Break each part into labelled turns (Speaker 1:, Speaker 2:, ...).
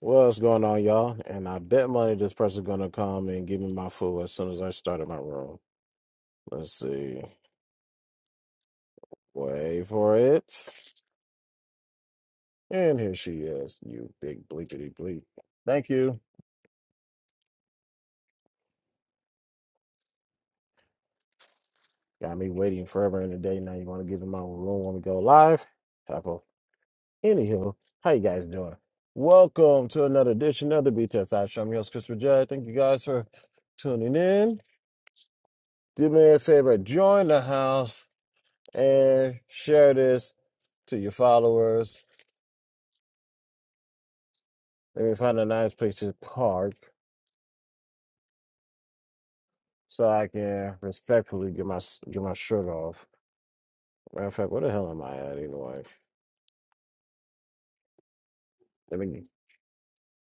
Speaker 1: What's going on, y'all? And I bet money this person's gonna come and give me my food as soon as I start in my room. Let's see. Wait for it. And here she is, you big bleepity bleep. Thank you. Got me waiting forever in the day. Now you wanna give me my room when we go live? Apple. Anywho, how you guys doing? Welcome to another edition of the B Test I Show. I'm your host, Christopher Judd. Thank you guys for tuning in. Do me a favor, join the house and share this to your followers. Let me find a nice place to park so I can respectfully get my get my shirt off. Matter of fact, where the hell am I at anyway? Let me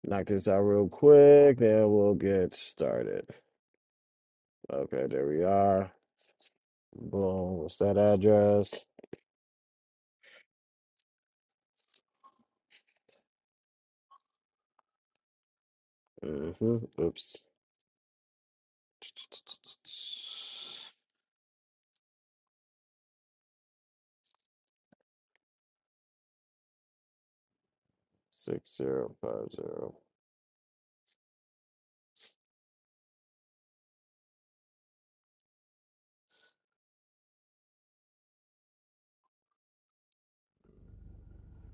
Speaker 1: knock this out real quick, then we'll get started. Okay, there we are. Boom. What's that address? hmm Oops. Six zero five zero.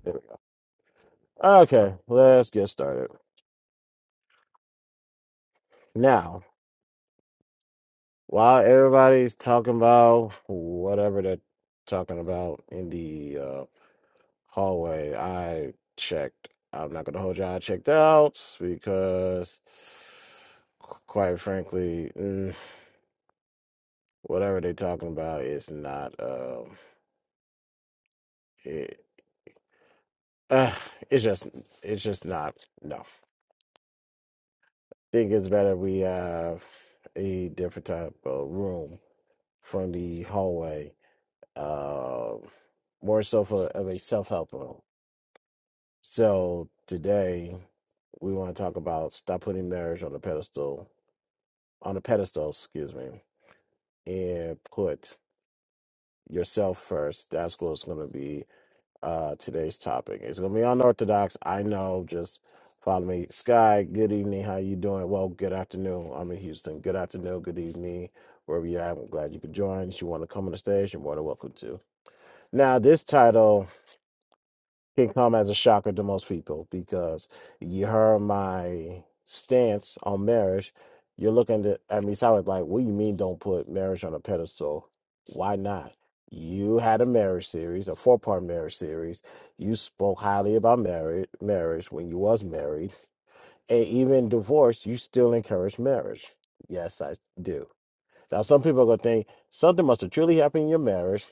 Speaker 1: There we go. Okay, let's get started. Now While everybody's talking about whatever they're talking about in the uh, hallway, I checked. I'm not gonna hold you. I checked out because, qu- quite frankly, mm, whatever they're talking about is not. Um, it, uh, it's just, it's just not. No, think it's better we have a different type of room from the hallway. Um more so for of a self help room. So today we want to talk about stop putting marriage on the pedestal, on the pedestal, excuse me, and put yourself first. That's what's going to be uh, today's topic. It's going to be unorthodox. I know. Just follow me. Sky, good evening. How you doing? Well, good afternoon. I'm in Houston. Good afternoon. Good evening. Wherever you're I'm glad you could join. If you want to come on the stage, you're more than welcome to. Now, this title. can come as a shocker to most people because you heard my stance on marriage. You're looking at at me solid like, like, what do you mean don't put marriage on a pedestal? Why not? You had a marriage series, a four part marriage series. You spoke highly about marriage marriage when you was married. And even divorce, you still encourage marriage. Yes, I do now, some people are going to think something must have truly happened in your marriage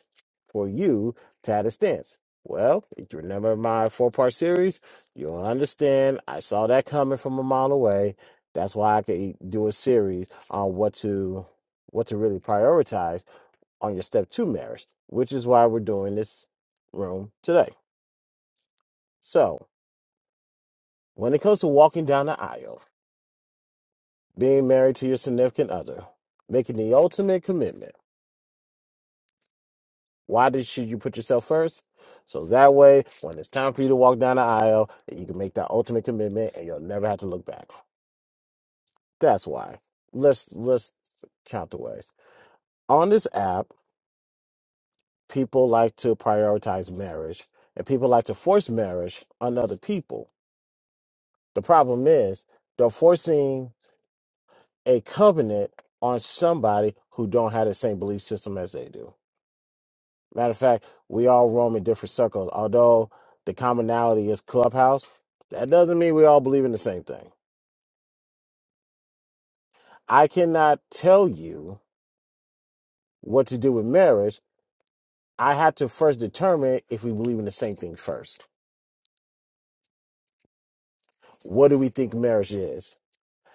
Speaker 1: for you to have a stance. Well, if you remember my four part series, you'll understand. I saw that coming from a mile away. That's why I could do a series on what to what to really prioritize on your step two marriage, which is why we're doing this room today. So, when it comes to walking down the aisle, being married to your significant other, making the ultimate commitment Why did should you put yourself first? So that way, when it's time for you to walk down the aisle, you can make that ultimate commitment, and you'll never have to look back. That's why. Let's let's count the ways. On this app, people like to prioritize marriage, and people like to force marriage on other people. The problem is they're forcing a covenant on somebody who don't have the same belief system as they do Matter of fact, we all roam in different circles. Although the commonality is clubhouse, that doesn't mean we all believe in the same thing. I cannot tell you what to do with marriage. I have to first determine if we believe in the same thing first. What do we think marriage is?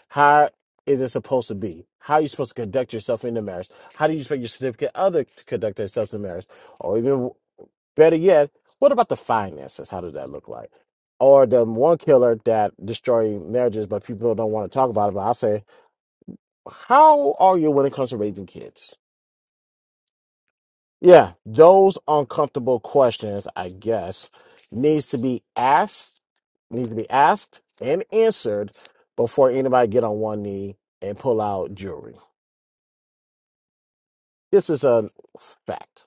Speaker 1: How is it supposed to be? How are you supposed to conduct yourself in the marriage? How do you expect your significant other to conduct themselves in marriage? Or even Better yet, what about the finances? How does that look like? Or the one killer that destroy marriages, but people don't want to talk about it. But I say, how are you when it comes to raising kids? Yeah, those uncomfortable questions, I guess, needs to be asked, needs to be asked and answered before anybody get on one knee and pull out jewelry. This is a fact.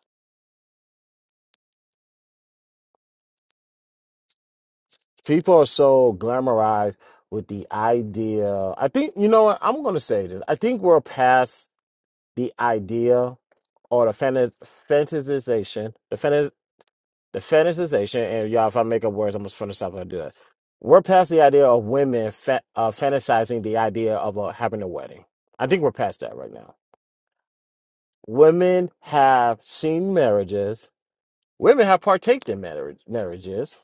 Speaker 1: people are so glamorized with the idea. I think you know what I'm going to say this. I think we're past the idea or the fanta- fantasization, the fantas- the fantasization. And y'all, if I make up words, I'm just going to stop and do that. We're past the idea of women fa- uh, fantasizing the idea of uh, having a wedding. I think we're past that right now. Women have seen marriages. Women have partaked in marriage, marriages.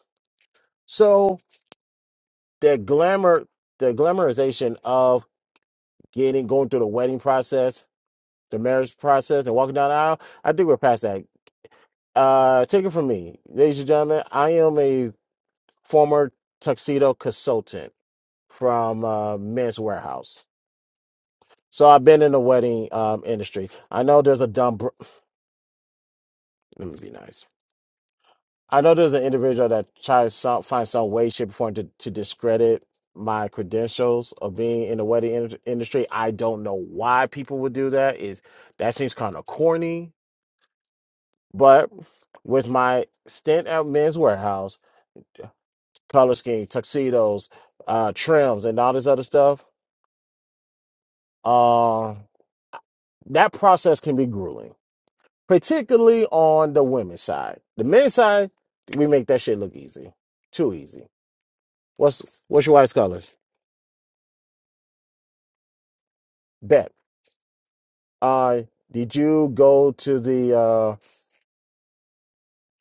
Speaker 1: So the glamour, the glamorization of getting going through the wedding process, the marriage process, and walking down the aisle. I think we're past that. Uh, take it from me, ladies and gentlemen. I am a former tuxedo consultant from uh, Men's Warehouse, so I've been in the wedding um, industry. I know there's a dumb. Br- Let me be nice. I know there's an individual that tries some find some way, shape, or form to, to discredit my credentials of being in the wedding in- industry. I don't know why people would do that. Is that seems kind of corny? But with my stint at Men's Warehouse, color scheme, tuxedos, uh, trims, and all this other stuff, uh, that process can be grueling, particularly on the women's side. The men's side, we make that shit look easy, too easy. What's what's your wife's colors? Bet. Uh, did you go to the? Uh,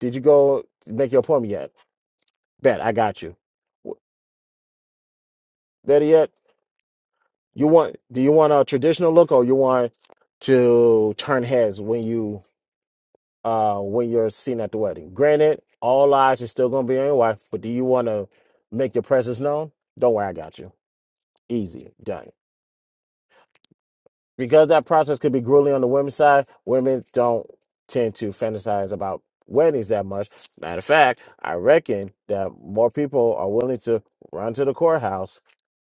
Speaker 1: did you go make your appointment yet? Bet. I got you. W- Better yet. You want do you want a traditional look or you want to turn heads when you uh when you're seen at the wedding? Granted, all eyes are still gonna be on your wife, but do you wanna make your presence known? Don't worry, I got you. Easy, done. Because that process could be grueling on the women's side, women don't tend to fantasize about weddings that much. Matter of fact, I reckon that more people are willing to run to the courthouse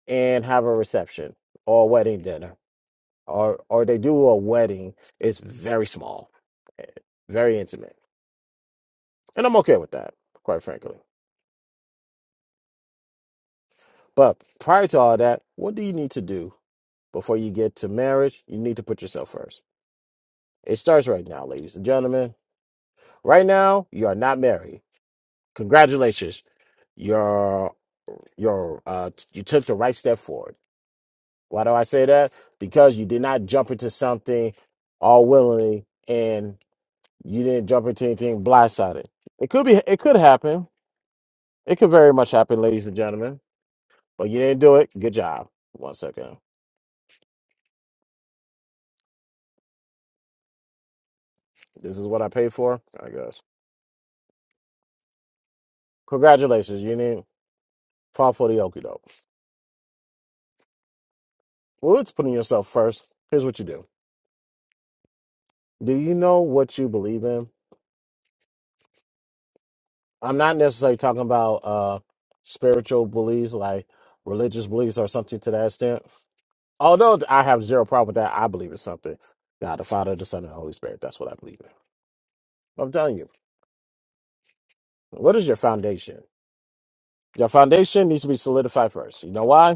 Speaker 1: and have a reception or wedding dinner or or they do a wedding, it's very small, eh, very intimate, and I'm okay with that, quite frankly. But prior to all that, what do you need to do before you get to marriage? You need to put yourself first. It starts right now, ladies and gentlemen. Right now, you are not married. Congratulations, you're you're uh, t- you took the right step forward. Why do I say that? Because you did not jump into something all willingly You didn't jump into anything blindsided. It could be. It could happen. It could very much happen, ladies and gentlemen. But you didn't do it. Good job. One second. This is what I paid for. I guess. Congratulations. You didn't fall for the okie doke. Well, it's putting yourself first. Here's what you do. Do you know what you believe in? I'm not necessarily talking about uh spiritual beliefs like religious beliefs or something to that extent. Although I have zero problem with that, I believe in something. God, the Father, the Son, and the Holy Spirit. That's what I believe in. I'm telling you. What is your foundation? Your foundation needs to be solidified first. You know why?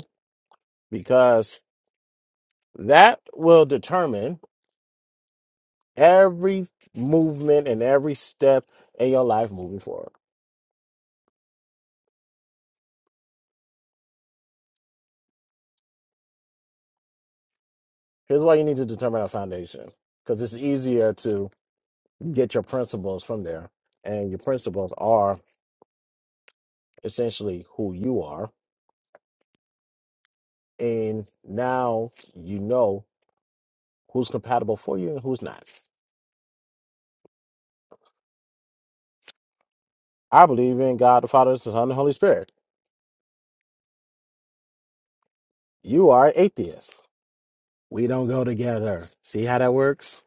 Speaker 1: Because that will determine every movement and every step in your life moving forward. Here's why you need to determine a foundation because it's easier to get your principles from there. And your principles are essentially who you are. And now you know who's compatible for you and who's not. I believe in God, the Father, the Son, and the Holy Spirit. You are an atheist. We don't go together. See how that works?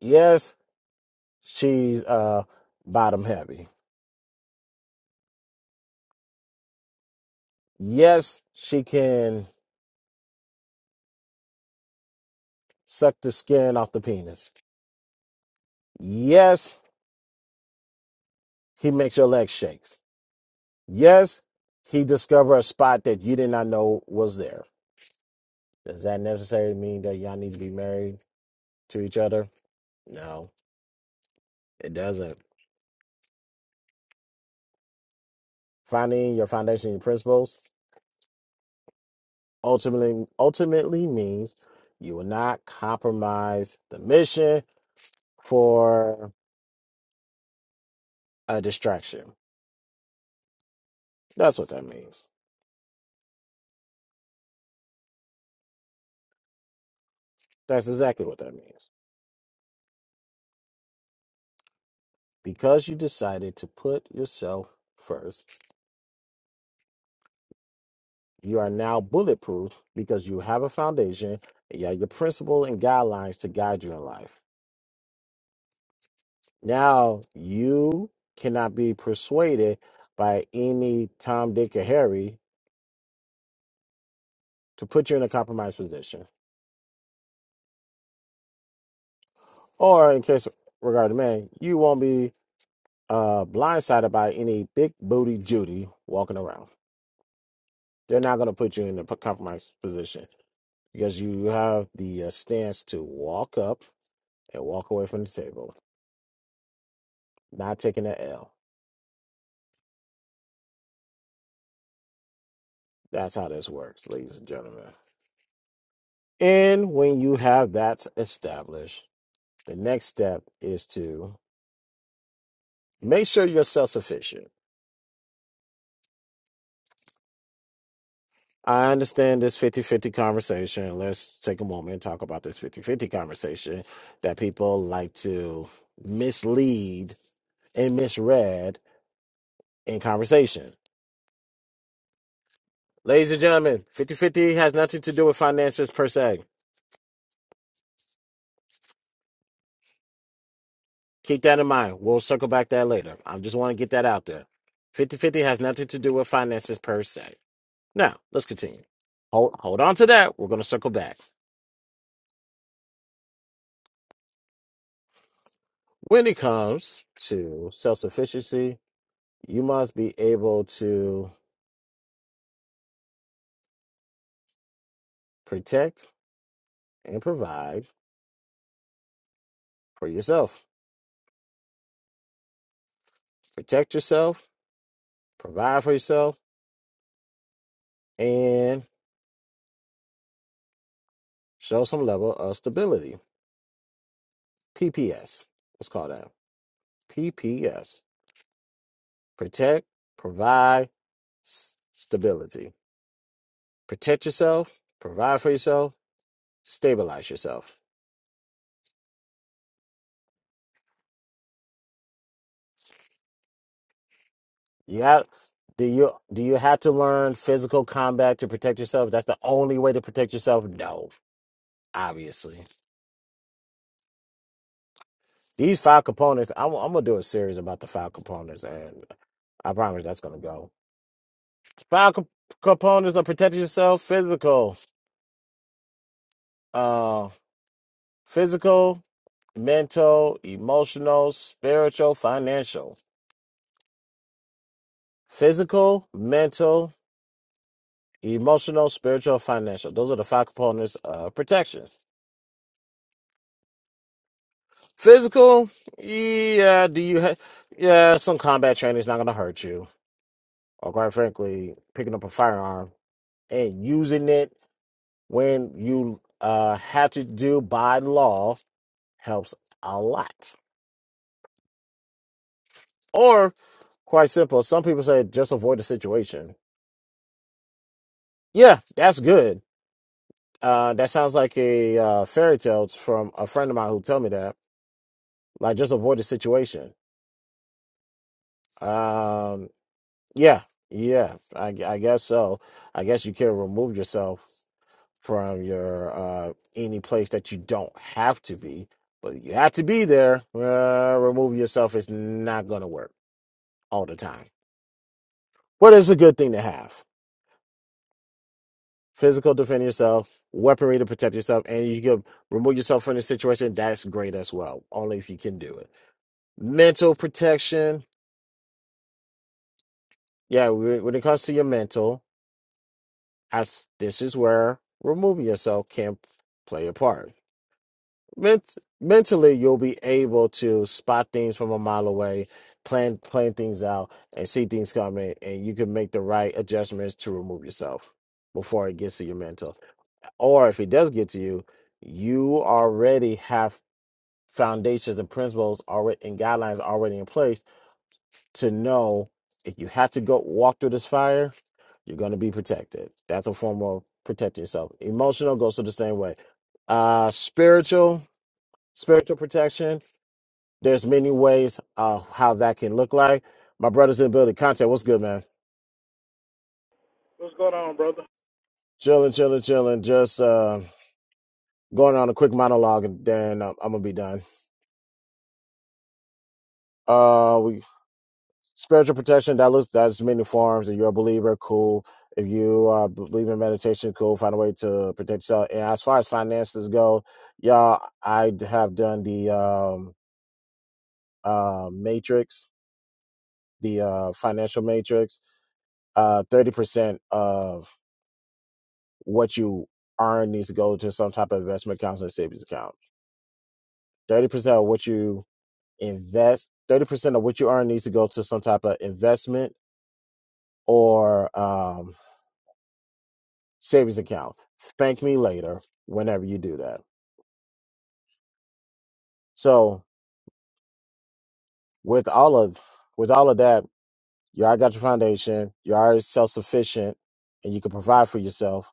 Speaker 1: Yes, she's uh bottom heavy. Yes, she can suck the skin off the penis. Yes, he makes your legs shakes. Yes, he discovered a spot that you did not know was there. Does that necessarily mean that y'all need to be married to each other? No, it doesn't. Finding your foundation and your principles ultimately ultimately means you will not compromise the mission for a distraction. That's what that means. That's exactly what that means. Because you decided to put yourself first, you are now bulletproof because you have a foundation, and you have your principle and guidelines to guide you in life. Now you cannot be persuaded by any Tom, Dick, or Harry to put you in a compromised position. Or in case regarding men, you won't be uh blindsided by any big booty Judy walking around. They're not going to put you in a compromised position because you have the uh, stance to walk up and walk away from the table, not taking an L. That's how this works, ladies and gentlemen. And when you have that established, the next step is to make sure you're self sufficient. I understand this fifty-fifty conversation. Let's take a moment and talk about this fifty-fifty conversation that people like to mislead and misread in conversation. Ladies and gentlemen, fifty-fifty has nothing to do with finances per se. Keep that in mind. We'll circle back that later. I just want to get that out there. Fifty-fifty has nothing to do with finances per se. Now, let's continue. Hold hold on to that. We're going to circle back. When it comes to self-sufficiency, you must be able to protect and provide for yourself. Protect yourself, provide for yourself, and show some level of stability. PPS. Let's call that. PPS. protect, provide, s- stability. Protect yourself, provide for yourself, stabilize yourself. You have do you do you have to learn physical combat to protect yourself? That's the only way to protect yourself? No, obviously. These five components, I'm, I'm gonna do a series about the five components, and I promise that's gonna go. Five co- components of protecting yourself: physical, uh, physical, mental, emotional, spiritual, financial. Physical, mental, emotional, spiritual, financial. Those are the five components of protections. Physical, yeah, do you have, yeah, some combat training is not going to hurt you. Or quite frankly, picking up a firearm and using it when you uh, have to do by law helps a lot. Or quite simple, some people say just avoid the situation. Yeah, that's good. Uh, that sounds like a uh, fairy tale from a friend of mine who told me that like just avoid the situation. Um, yeah, yeah, I, I guess so. I guess you can remove yourself from your uh any place that you don't have to be, but you have to be there. Uh, remove yourself is not gonna work all the time, but it's a good thing to have. Physical defend yourself, weaponry to protect yourself, and you can remove yourself from the situation. That's great as well, only if you can do it. Mental protection, yeah. When when it comes to your mental, As this is where removing yourself can play a part. Ment- mentally, you'll be able to spot things from a mile away, plan plan things out, and see things coming, and you can make the right adjustments to remove yourself before it gets to your mental. Or if it does get to you, you already have foundations and principles already and guidelines already in place to know if you have to go walk through this fire, you're going to be protected. That's a form of protecting yourself. Emotional goes to the same way. Uh, spiritual, spiritual protection. There's many ways uh, how that can look like. My brother's in the building. Contact, what's good, man?
Speaker 2: What's going on, brother?
Speaker 1: Chilling, chilling, chilling. Just uh, going on a quick monologue, and then I'm, I'm gonna be done. Uh, we spiritual protection that looks that's many forms if you're a believer cool if you uh, believe in meditation cool find a way to protect yourself and as far as finances go y'all i d- have done the um uh matrix the uh financial matrix uh 30% of what you earn needs to go to some type of investment account and savings account 30% of what you invest 30% of what you earn needs to go to some type of investment or um. savings account. Thank me later whenever you do that. So with all of with all of that, you already got your foundation, you already self sufficient, and you can provide for yourself.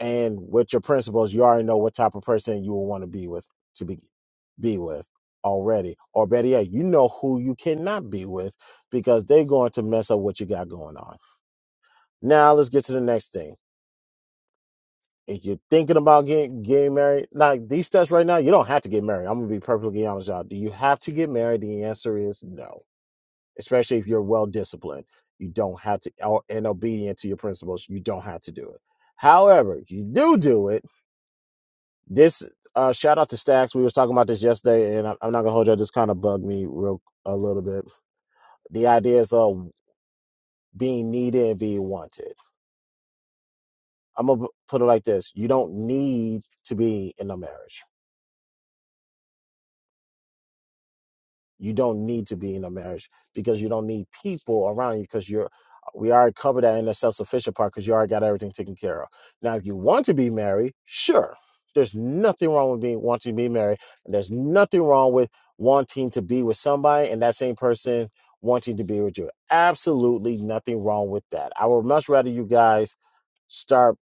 Speaker 1: And with your principles, you already know what type of person you will want to be with to be be with already. Or better yet, you know who you cannot be with because they're going to mess up what you got going on. Now let's get to the next thing. if you're thinking about getting getting married, like these tests right now, you don't have to get married. I'm gonna be perfectly honest, y'all. Do you have to get married? The answer is no. Especially if you're well disciplined, you don't have to, or- and obedient to your principles, you don't have to do it. However, you do do it. This uh, shout out to Stacks. We was talking about this yesterday, and I- I'm not gonna hold you. This kind of bugged me real a little bit. The idea is of being needed and being wanted. I'm gonna put it like this: you don't need to be in a marriage You don't need to be in a marriage because you don't need people around you because you're we already covered that in the self-sufficient part because you already got everything taken care of. Now, if you want to be married, sure. There's nothing wrong with being wanting to be married. And there's nothing wrong with wanting to be with somebody and that same person wanting to be with you. Absolutely nothing wrong with that. I would much rather you guys start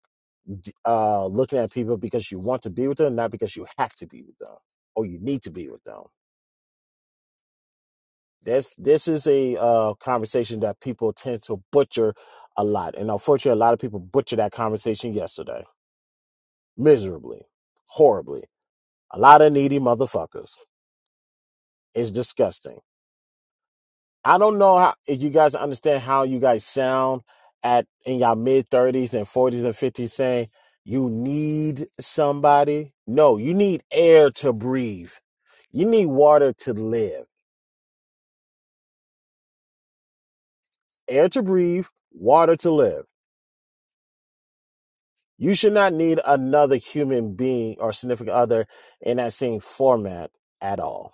Speaker 1: uh, looking at people because you want to be with them, not because you have to be with them or you need to be with them this this is a uh, conversation that people tend to butcher a lot, and unfortunately, a lot of people butchered that conversation yesterday miserably, horribly. A lot of needy motherfuckers. It's disgusting. I don't know how if you guys understand how you guys sound at in your mid thirties and forties and fifties saying you need somebody. No, you need air to breathe. You need water to live. Air to breathe, water to live You should not need another human being or significant other in that same format at all.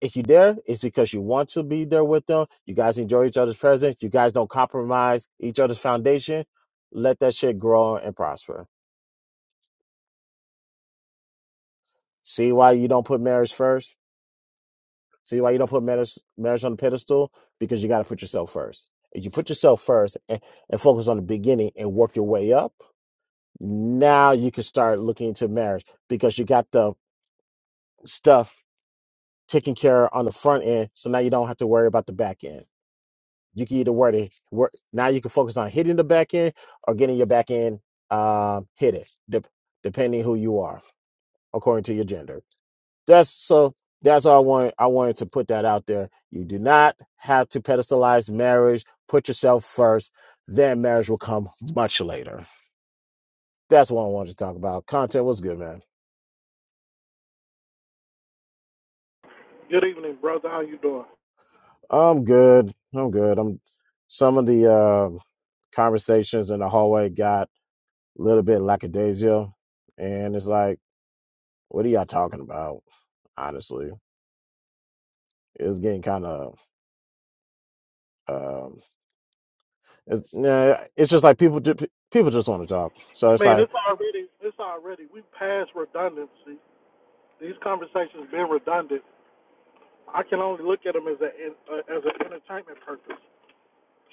Speaker 1: If you're there, it's because you want to be there with them. You guys enjoy each other's presence. You guys don't compromise each other's foundation. Let that shit grow and prosper. See why you don't put marriage first? See why you don't put marriage, marriage on the pedestal? Because you got to put yourself first. If you put yourself first and, and focus on the beginning and work your way up, now you can start looking into marriage because you got the stuff taken care on the front end. So now you don't have to worry about the back end. You can either worry, work, now you can focus on hitting the back end or getting your back end um, hit it, dep depending who you are, according to your gender. That's so. That's all I want. I wanted to put that out there. You do not have to pedestalize marriage. Put yourself first. Then marriage will come much later. That's what I wanted to talk about. Content was good, man.
Speaker 2: Good evening, brother. How you doing?
Speaker 1: I'm good. I'm good. I'm some of the uh, conversations in the hallway. got. a little bit lackadaisical. And it's like, what are y'all talking about? Honestly, it's getting kind of, um, it's, nah, it's just like people, ju- people just want to talk. So
Speaker 2: I
Speaker 1: it's
Speaker 2: mean,
Speaker 1: like,
Speaker 2: it's already, it's already, we passed redundancy. These conversations being redundant, I can only look at them as a as an entertainment purpose.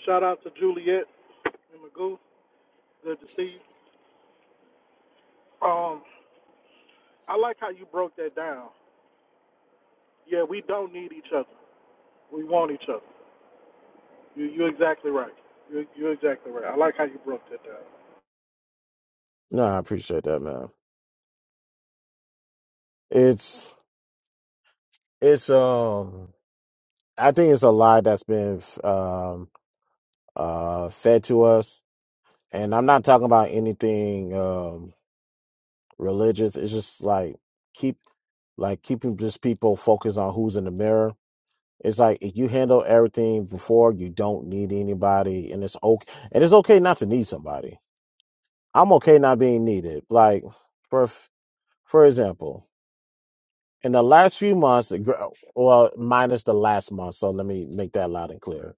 Speaker 2: Shout out to Juliet and Magoo. Good to see you. Um, I like how you broke that down. Yeah, we don't need each other. We want each other. You, you're exactly right. You, you're exactly right. I like how you broke that down.
Speaker 1: no, I appreciate that, man. It's, it's, um, I think it's a lie that's been, um, uh, fed to us. And I'm not talking about anything, um, religious. It's just like, keep, like keeping just people focused on who's in the mirror It's like if you handle everything before, you don't need anybody, and it's okay. And it's okay not to need somebody. I'm okay not being needed. Like for for example, in the last few months, the gr- well, minus the last month, so let me make that loud and clear.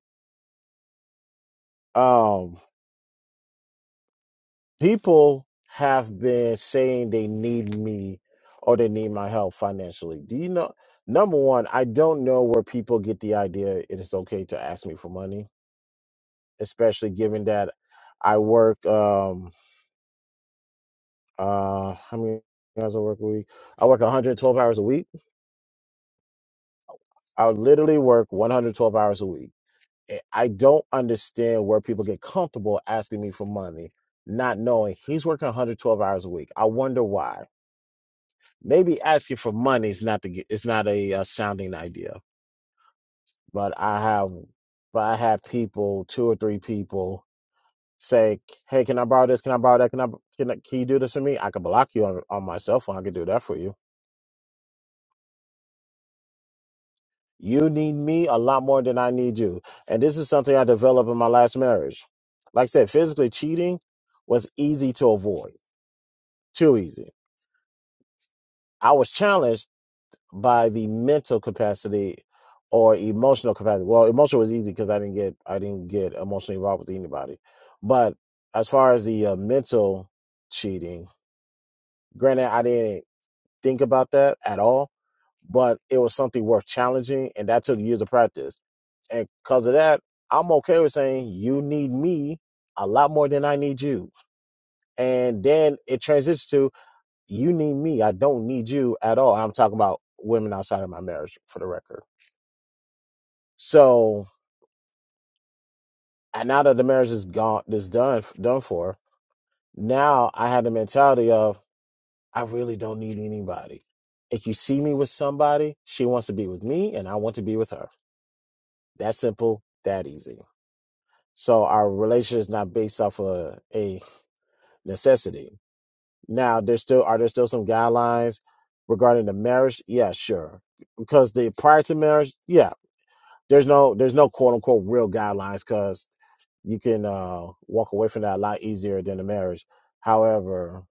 Speaker 1: Um, people have been saying they need me or they need my help financially. Do you know? Number one, I don't know where people get the idea it is okay to ask me for money especially given that I work um uh how many hours I work a week? I work 112 hours a week. I would literally work 112 hours a week. And I don't understand where people get comfortable asking me for money, not knowing he's working 112 hours a week. I wonder why. Maybe asking for money is not the it's not a, uh sounding idea, but I have but I have people, two or three people say, "Hey, can I borrow this? Can I borrow that? Can I can, I, can you do this for me?" I could block you on, on my cell phone. I could do that for you. You need me a lot more than I need you, and this is something I developed in my last marriage. Like I said, physically cheating was easy to avoid, too easy. I was challenged by the mental capacity or emotional capacity. Well, emotional was easy because I didn't get I didn't get emotionally involved with anybody, but as far as the uh, mental cheating, granted, I didn't. think about that at all, but it was something worth challenging, and that took years of practice. And because of that, I'm okay with saying you need me a lot more than I need you. And then it transitions to you need me. I don't need you at all. And I'm talking about women outside of my marriage, for the record. So, and now that the marriage is gone, is done, done for. Now I had the mentality of I really don't need anybody. If you see me with somebody, she wants to be with me, and I want to be with her That simple, that easy. So our relationship is not based off of a necessity. Now, there's still are there still some guidelines regarding the marriage? Yeah, sure. Because the prior to marriage, yeah, there's no there's no quote unquote real guidelines because you can uh, walk away from that a lot easier than the marriage. However,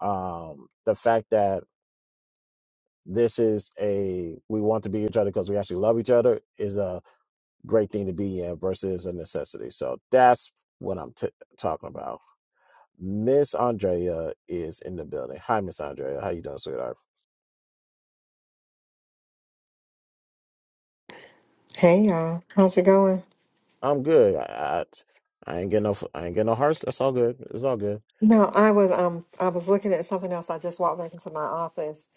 Speaker 1: um, the fact that this is a we want to be each other because we actually love each other is a. uh, great thing to be in versus a necessity. So that's what I'm t- talking about. Miss Andrea is in the building. Hi, Miss Andrea. How you doing, sweetheart?
Speaker 3: Hey y'all, how's it going?
Speaker 1: I'm good. I, I I ain't getting no I ain't getting no hearts. That's all good. It's all good.
Speaker 3: No, I was um I was looking at something else. I just walked back into my office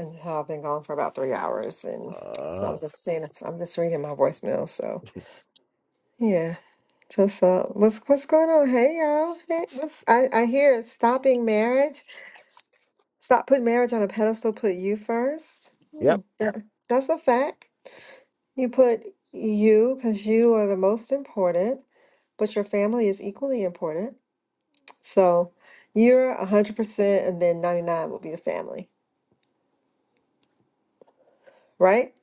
Speaker 3: and so I've been gone for about three hours and so I'm
Speaker 1: Uh,
Speaker 3: just seeing if I'm just reading my voicemail. So yeah. Just uh what's what's going on? Hey y'all. Hey, what's I, I hear it's stopping marriage. Stop putting marriage on a pedestal, put you first. Hmm.
Speaker 1: yep.
Speaker 3: Yeah. That's a fact. You put you because you are the most important, but your family is equally important. So you're 100% and then 99 will be the family, right?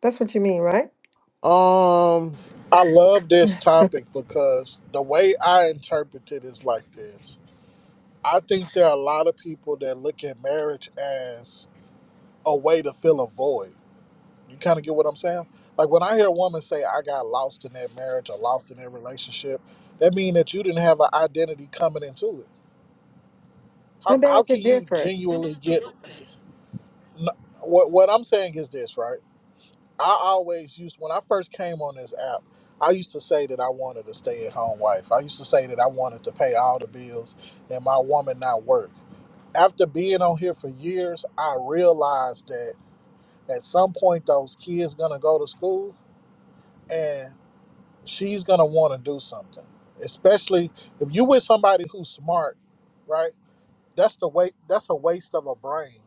Speaker 3: That's what you mean, right?
Speaker 1: Um,
Speaker 2: I love this topic because the way I interpret it is like this. I think there are a lot of people that look at marriage as a way to fill a void. You kind of get what I'm saying? Like when I hear a woman say, I got lost in that marriage or lost in that relationship, that means that you didn't have an identity coming into it. How,
Speaker 3: I
Speaker 2: how
Speaker 3: beg to
Speaker 2: can you
Speaker 3: differ.
Speaker 2: genuinely get. N- What, what I'm saying is this, right? I always used, when I first came on this app, I used to say that I wanted a stay at home wife. I used to say that I wanted to pay all the bills and my woman not work. after being on here for years, I realized that at some point those kids gonna go to school and she's gonna wanna do something. Especially if you with somebody who's smart, right? That's the way that's a waste of a brain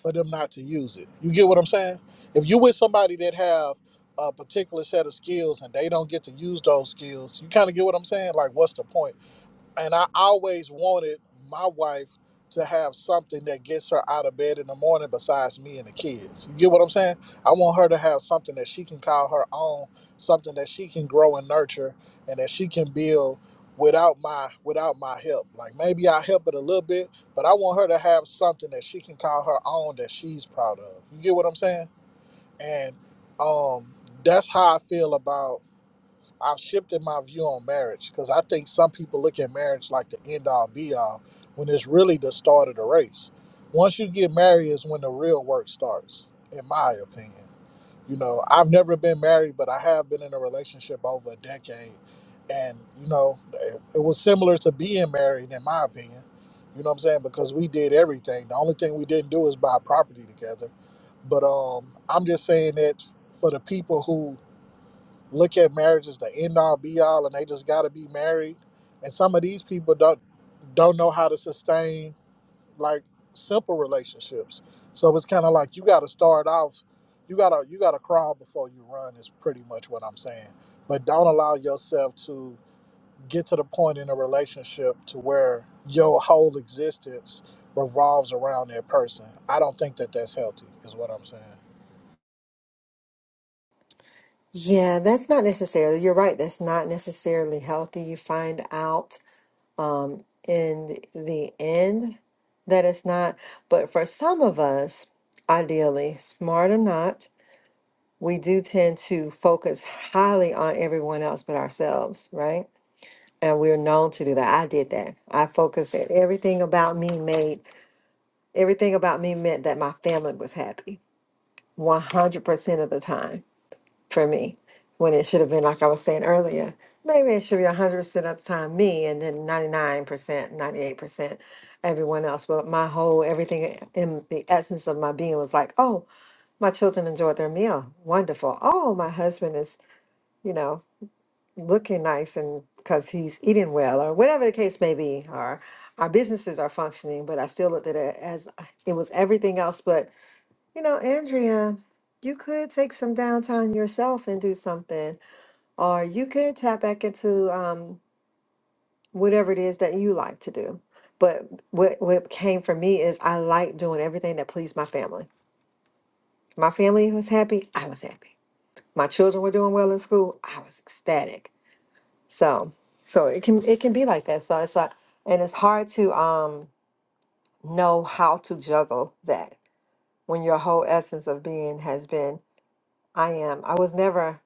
Speaker 2: for them not to use it. You get what I'm saying? If you with somebody that have a particular set of skills and they don't get to use those skills, you kind of get what I'm saying? Like what's the point? and I always wanted my wife to have something that gets her out of bed in the morning besides me and the kids. You get what I'm saying? I want her to have something that she can call her own, something that she can grow and nurture and that she can build without my without my help. Like maybe I help it a little bit, but I want her to have something that she can call her own that she's proud of. You get what I'm saying? And um that's how I feel about I've shifted my view on marriage because I think some people look at marriage like the end all be all when it's really the start of the race. Once you get married is when the real work starts, in my opinion. You know, I've never been married, but I have been in a relationship over a decade. And, you know, it, it was similar to being married, in my opinion. You know what I'm saying? Because we did everything. The only thing we didn't do is buy property together. But um, I'm just saying that for the people who look at marriage as the end all be all and they just got to be married and some of these people don't don't know how to sustain like simple relationships so it's kind of like you got to start off you got to you got to crawl before you run is pretty much what i'm saying but don't allow yourself to get to the point in a relationship to where your whole existence revolves around that person i don't think that that's healthy is what i'm saying
Speaker 3: Yeah, that's not necessarily, you're right, that's not necessarily healthy. You find out um, in the end that it's not. But for some of us, ideally, smart or not, we do tend to focus highly on everyone else but ourselves, right? And we're known to do that. I did that. I focused at everything about me made Everything about me meant that my family was happy 100% of the time for me, when it should have been, like I was saying earlier, maybe it should be 100% of the time me and then 99%, 98% everyone else. But my whole, everything in the essence of my being was like, oh, my children enjoyed their meal. Wonderful. Oh, my husband is, you know, looking nice and because he's eating well or whatever the case may be, or our businesses are functioning, but I still looked at it as uh, it was everything else but you know, Andrea, you could take some downtime yourself and do something, or you could tap back into um, whatever it is that you like to do. But what what came for me is I like doing everything that pleased my family. My family was happy, I was happy. My children were doing well in school, I was ecstatic. So, so it can it can be like that. So it's like, and it's hard to um know how to juggle that when your whole essence of being has been, I am. I was never.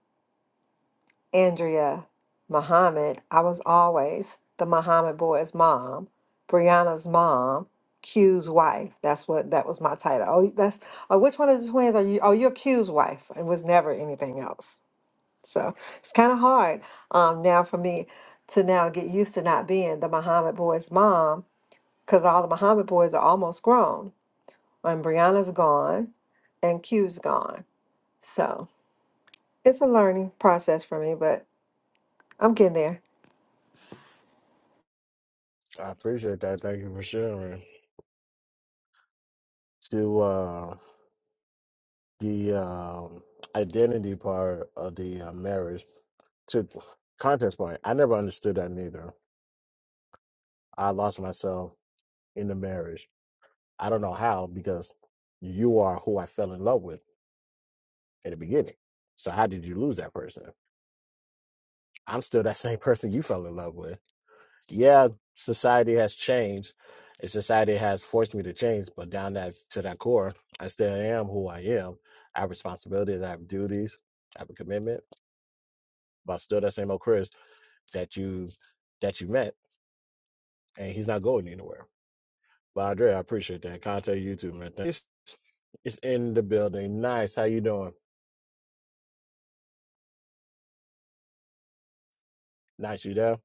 Speaker 3: Andrea, Muhammad. I was always the Muhammad boy's mom, Brianna's mom, Q's wife. That's what that was my title. Oh, that's oh, which one of the twins are you? Oh, you're Q's wife. It was never anything else. So it's kind of hard um, now for me to now get used to not being the Muhammad boy's mom because all the Muhammad boys are almost grown. And Brianna's gone and Q's gone. So it's a learning process for me, but I'm getting there.
Speaker 1: I appreciate that. Thank you for sharing. To uh, the um identity part of the uh, marriage to contest point. I never understood that neither. I lost myself in the marriage I don't know how because you are who I fell in love with in the beginning. So how did you lose that person? I'm still that same person you fell in love with. Yeah, society has changed, and society has forced me to change. But down that to that core, I still am who I am. I have responsibilities. I have duties. I have a commitment. But I'm still that same old Chris that you that you met, and he's not going anywhere. But Andre, I appreciate that. Contact you too, man. Thank- It's it's in the building. Nice. How you doing? Nice, you there?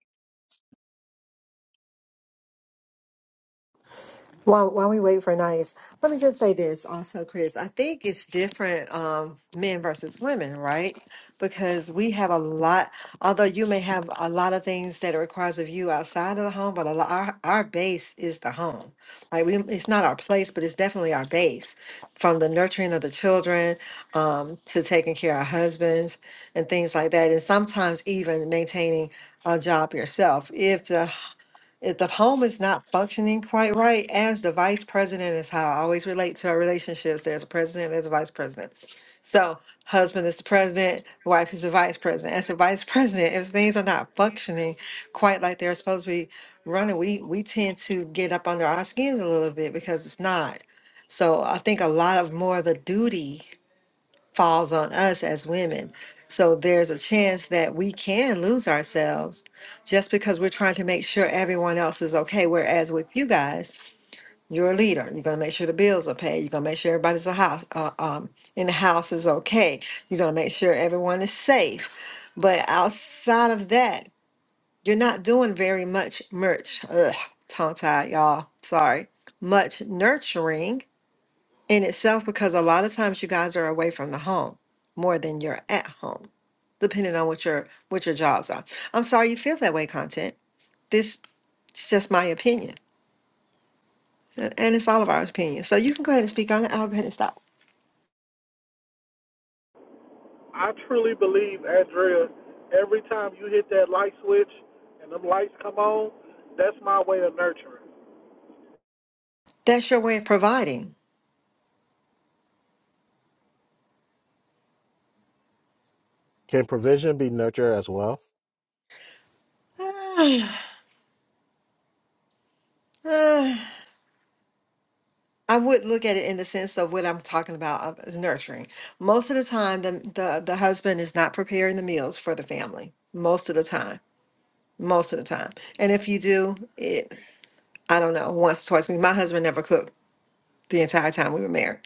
Speaker 3: While, while we wait for Nice, let me just say this also, Chris. I think it's different um, men versus women, right? Because we have a lot, although you may have a lot of things that it requires of you outside of the home, but a lot, our, our base is the home. Like, we, it's not our place, but it's definitely our base from the nurturing of the children um, to taking care of husbands and things like that. And sometimes even maintaining a job yourself. If the if the home is not functioning quite right as the vice president is how I always relate to our relationships. There's a president, there's a vice president. So husband is the president, wife is the vice president. As the vice president, if things are not functioning quite like they're supposed to be running, we we tend to get up under our skins a little bit because it's not. So I think a lot of more of the duty falls on us as women. So there's a chance that we can lose ourselves just because we're trying to make sure everyone else is okay. Whereas with you guys, you're a leader. You're going to make sure the bills are paid. You're going to make sure everybody's a house, uh, um, in the house is okay. You're going to make sure everyone is safe. But outside of that, you're not doing very much merch. Ugh, tongue tied, y'all. Sorry. Much nurturing in itself because a lot of times you guys are away from the home more than you're at home, depending on what your what your jobs are. I'm sorry you feel that way, content. This it's just my opinion. a- And it's all of our opinions. So you can go ahead and speak on it. I'll go ahead and stop.
Speaker 2: I truly believe, Andrea, every time you hit that light switch and them lights come on, that's my way of nurturing.
Speaker 3: That's your way of providing.
Speaker 1: Can provision be nurture as well?
Speaker 3: Uh, I would look at it in the sense of what I'm talking about of- is nurturing. Most of the time, the, the the husband is not preparing the meals for the family. Most of the time, most of the time. And if you do, I don't know, once, twice. My husband never cooked the entire time we were married.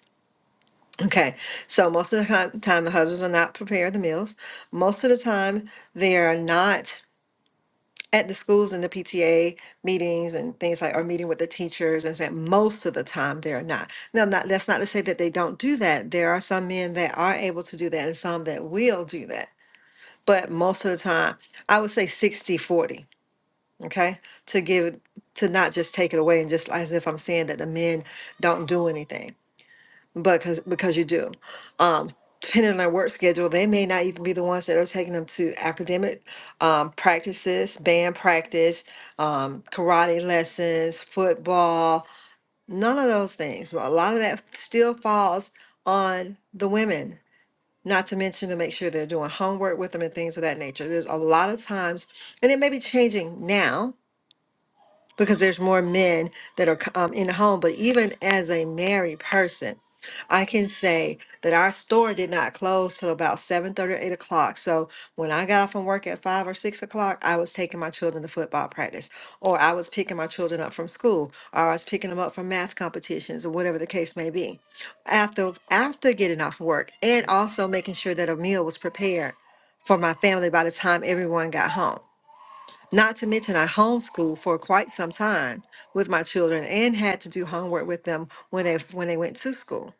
Speaker 3: Okay, so most of the con- time the husbands are not preparing the meals. Most of the time they are not at the schools and the PTA meetings and things like, or meeting with the teachers and saying most of the time they are not. Now, not, that's not to say that they don't do that. There are some men that are able to do that and some that will do that. But most of the time, I would say 60 40. okay to give to not just take it away and just as if i'm saying that the men don't do anything but because because you do um depending on their work schedule they may not even be the ones that are taking them to academic um, practices band practice um, karate lessons football none of those things but a lot of that still falls on the women not to mention to make sure they're doing homework with them and things of that nature there's a lot of times and it may be changing now because there's more men that are um, in the home. But even as a married person, I can say that our store did not close till about 7 thirty or 8 o'clock. So when I got off from work at 5 or 6 o'clock, I was taking my children to football practice, or I was picking my children up from school, or I was picking them up from math competitions, or whatever the case may be. After, after getting off work, and also making sure that a meal was prepared for my family by the time everyone got home. Not to mention, I homeschooled for quite some time with my children and had to do homework with them when they when they went to school.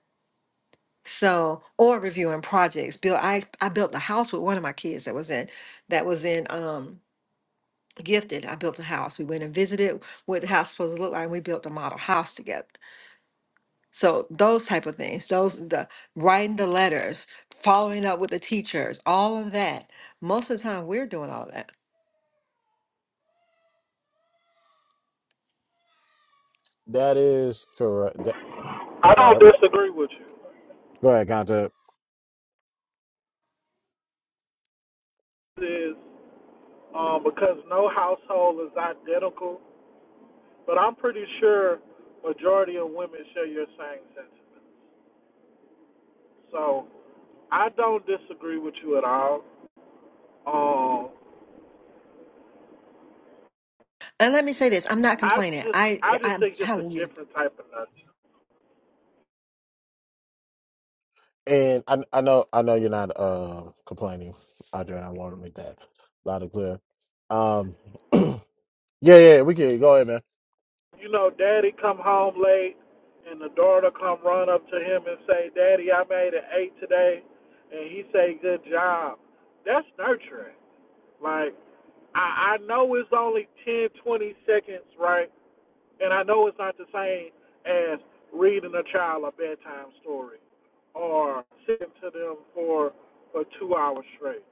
Speaker 3: So, or reviewing projects. Built I I built a house with one of my kids that was in that was in um gifted. I built a house. We went and visited what the house supposed to look like. and We built a model house together. So those type of things, those the writing the letters, following up with the teachers, all of that. Most of the time, we're doing all that.
Speaker 1: That is correct. That,
Speaker 2: I
Speaker 1: go
Speaker 2: don't
Speaker 1: ahead.
Speaker 2: disagree with you.
Speaker 1: Go ahead, Conte.
Speaker 2: It is um, because no household is identical, but I'm pretty sure majority of women share your same sentiments. So I don't disagree with you at all. Um,
Speaker 3: And let me say this: I'm not
Speaker 2: I
Speaker 3: complaining.
Speaker 2: just
Speaker 3: I
Speaker 2: I just
Speaker 3: I'm
Speaker 2: think it's a
Speaker 3: telling you.
Speaker 2: different type of nurture.
Speaker 1: And I, I know I know you're not uh, complaining, Audrey. I want to make that loud and clear. Um, yeah, yeah, we can go ahead, man.
Speaker 2: you know, daddy come home late and the daughter come run up to him and say, Daddy, I made an eight today and he say, Good job. That's nurturing. Like I, I know it's only 10, 20 seconds, right? And I know it's not the same as reading a child a bedtime story or sitting to them for for two hours straight.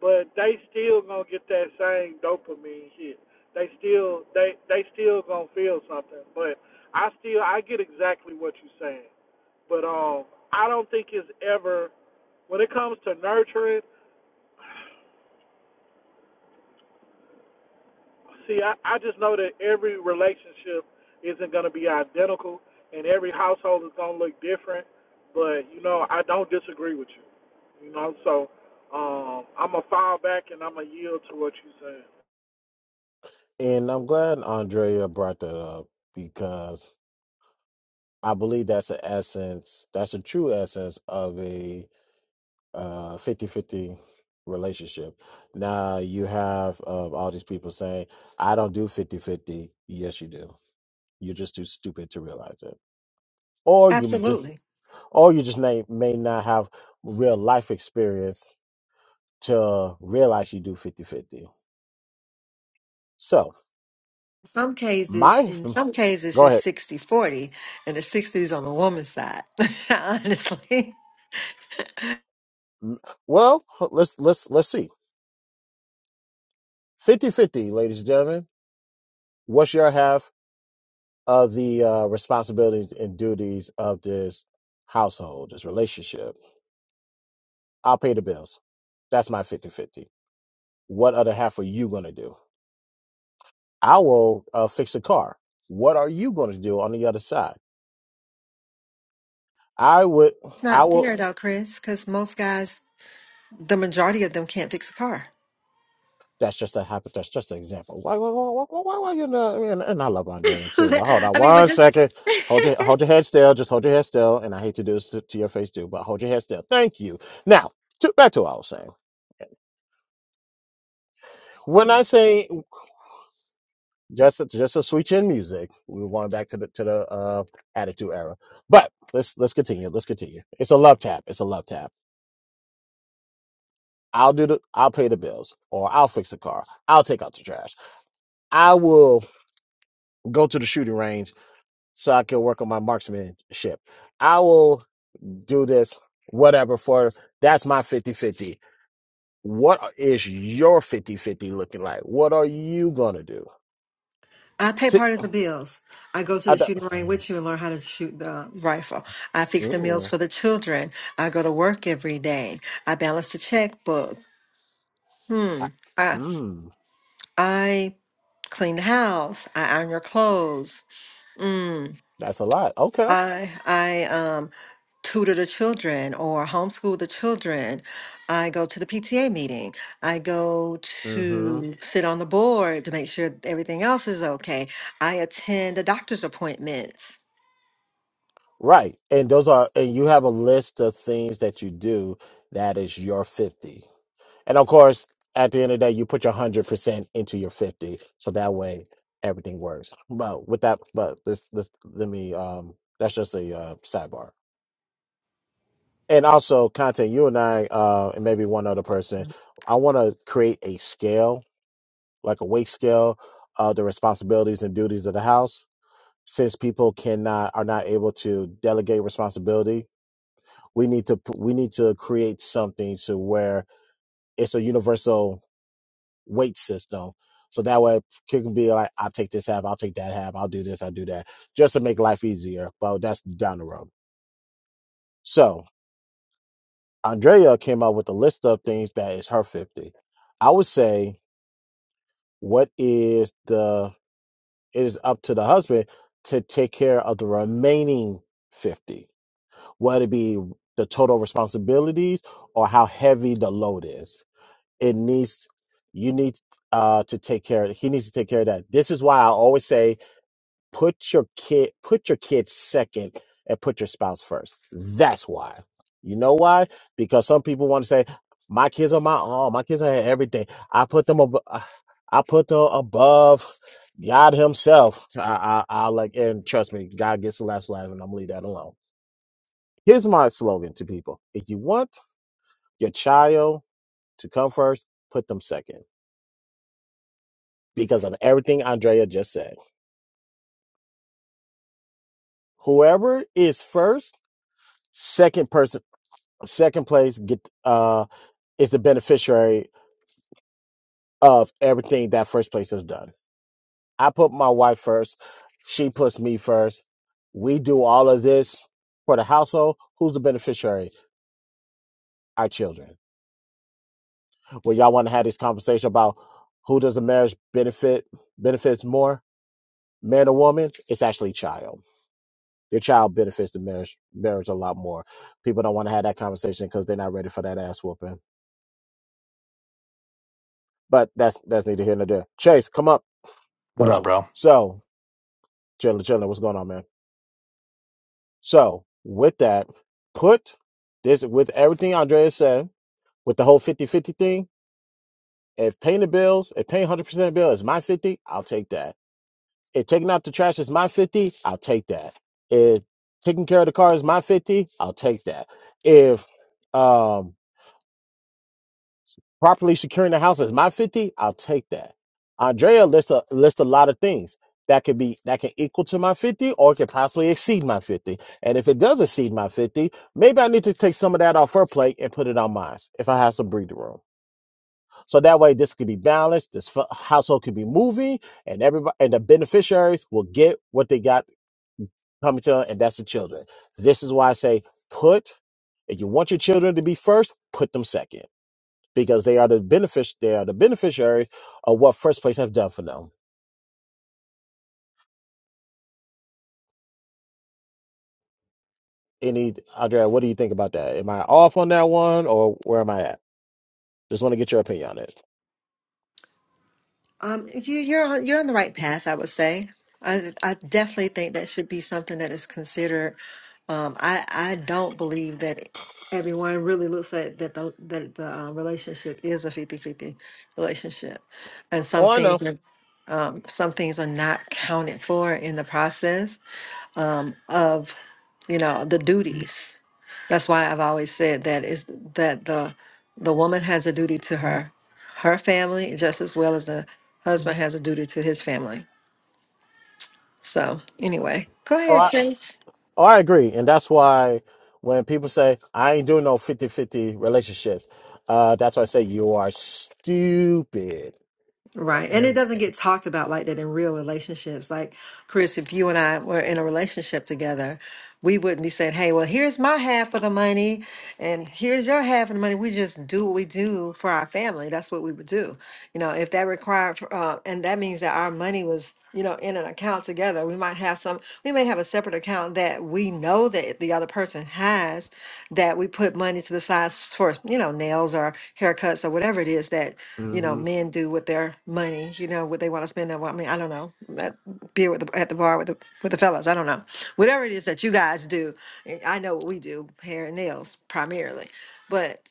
Speaker 2: But they still gonna get that same dopamine hit. They still they they still gonna feel something. But I still I get exactly what you're saying. But um I don't think it's ever when it comes to nurturing, See, I, I just know that every relationship isn't going to be identical, and every household is going to look different. But you know, I don't disagree with you. You know, so um, I'm gonna file back and I'm gonna yield to what you said.
Speaker 1: And I'm glad Andrea brought that up because I believe that's the essence, that's the true essence of a uh 50 relationship. Now you have uh, all these people saying, "I don't do 50-50." Yes, you do. You're just too stupid to realize it, or you just,
Speaker 3: Absolutely.
Speaker 1: or you just may may not have real life experience to realize you do fifty fifty. So
Speaker 3: Some cases,
Speaker 1: my
Speaker 3: in some cases,
Speaker 1: go
Speaker 3: it's
Speaker 1: ahead.
Speaker 3: 60 40, and the 60 is on the woman's side, honestly.
Speaker 1: Well, let's let's let's see fifty fifty, ladies and gentlemen. What's your half of the uh, responsibilities and duties of this household, this relationship? I'll pay the bills. That's my fifty fifty. What other half are you gonna do? I will uh, fix a car. What are you going to do on the other side? I would,
Speaker 3: It's
Speaker 1: I
Speaker 3: not
Speaker 1: would.
Speaker 3: fair though, Chris, because most guys, the majority of them can't fix a car.
Speaker 1: That's just a hypo. That's just an example. Why, why, why, why, why, why you know? I mean, and I love Andrea too. But hold
Speaker 3: I
Speaker 1: on
Speaker 3: mean, but
Speaker 1: one
Speaker 3: just,
Speaker 1: second. Hold your, hold your head still. Just hold your head still. And I hate to do this to, to your face too, but hold your head still. Thank you. Now, to, back to what I was saying. When I say just, just a switch in music, we were going back to the to the uh, attitude era. But let's let's continue. Let's continue. It's a love tap. It's a love tap. I'll do the. I'll pay the bills, or I'll fix the car. I'll take out the trash. I will go to the shooting range so I can work on my marksmanship. I will do this, whatever, for that's my fifty-fifty. What is your fifty-fifty looking like? What are you going to do?
Speaker 3: I pay
Speaker 1: See,
Speaker 3: part of the bills. I go to
Speaker 1: I
Speaker 3: the
Speaker 1: don't.
Speaker 3: shooting range with you and learn how to shoot the rifle. I fix the meals
Speaker 1: Mm,
Speaker 3: for the children. I go to work every day. I balance the checkbook.
Speaker 1: I-
Speaker 3: Hmm. I,
Speaker 1: mm,
Speaker 3: I clean the house. I iron your clothes. Mm.
Speaker 1: that's a lot. Okay.
Speaker 3: I I um tutor the children or homeschool the children. I go to the PTA meeting. I go
Speaker 1: hmm
Speaker 3: to sit on the board to make sure everything else is okay. I attend the doctor's appointments.
Speaker 1: Right. And those are, and you have a list of things that you do that is your 50. And of course, at the end of the day, you put your hundred percent into your fifty, so that way everything works. But with that, but this, this, let me. Um, that's just a uh, sidebar. And also, content you and I, uh, and maybe one other person, I want to create a scale, like a weight scale, of the responsibilities and duties of the house. Since people cannot are not able to delegate responsibility, we need to p- we need to create something to where it's a universal. weight system. So that way it can be like, I'll take this half, I'll take that half, I'll do this, I'll do that, just to make life easier. But that's down the road. So Andrea came up with a list of things that is her 50. I would say what is the, it is up to the husband to take care of the remaining 50, whether it be the total responsibilities or how heavy the load is. It needs, you need uh, to take care. He needs to take care of that. This is why I always say put your kid put your kids second and put your spouse first that's why you know why because some people want to say my kids are my own. my kids are everything i put them ab- uh, i put them above god himself i i, I like and trust me god gets the last laugh and i'm gonna leave that alone here's my slogan to people if you want your child to come first put them second because of everything andrea just said whoever is first second person Second place get uh is the beneficiary of everything that first place has done. I put my wife first, she puts me first. We do all of this for the household. Who's the beneficiary? Our children. Well, y'all want to have this conversation about who does a marriage benefit benefits more, man or woman? It's actually child. Your child benefits the marriage marriage a lot more. People don't want to have that conversation because they're not ready for that ass whooping. But that's that's neither here nor there. Chase, come up.
Speaker 4: What up, bro?
Speaker 1: So Chilling, chilling. What's going on, man? So, with that, put this with everything Andrea said, with the whole fifty-fifty thing. If paying the bills, if paying 100% of the bill is my 50, I'll take that. If taking out the trash is my 50, I'll take that. If taking care of the car is my 50, I'll take that. If um properly securing the house is my 50 i'll take that andrea lists a list a lot of things that could be that can equal to my 50 or it could possibly exceed my 50 and if it does exceed my 50 maybe i need to take some of that off her plate and put it on mine if i have some breathing room so that way this could be balanced this fu- household could be moving and everybody and the beneficiaries will get what they got coming to them and that's the children this is why i say put if you want your children to be first put them second because they are the benefic they are the beneficiaries of what first place have done for them. Any Andrea, what do you think about that? Am I off on that one or where am I at? Just want to get your opinion on it.
Speaker 3: Um, you, you're on, you're on the right path, I would say. I, I definitely think that should be something that is considered. Um, I, I don't believe that everyone really looks at that the that the um, relationship is a fifty fifty relationship, and some
Speaker 1: Oh, I
Speaker 3: things
Speaker 1: know.
Speaker 3: are um, some things are not counted for in the process um, of you know the duties. That's why I've always said that is that the the woman has a duty to her her family just as well as the husband has a duty to his family. So anyway, go
Speaker 1: Oh,
Speaker 3: ahead,
Speaker 1: I
Speaker 3: Chase.
Speaker 1: oh, I agree. And that's why when people say I ain't doing no fifty-fifty relationships, uh, that's why I say you are stupid.
Speaker 3: Right. And it doesn't get talked about like that in real relationships. Like, Chris, if you and I were in a relationship together, we wouldn't be saying, hey, well, here's my half of the money and here's your half of the money. We just do what we do for our family. That's what we would do. You know, if that required, uh, and that means that our money was, you know, in an account together, we might have some, we may have a separate account that we know that the other person has that we put money to the side for, you know, nails or haircuts or whatever it is that you know, men do with their money, you know, what they want to spend their I mean, I don't know. That beer with the, at the bar with the with the fellas, I don't know. Whatever it is that you guys do, eh, I know what we do, hair and nails primarily. But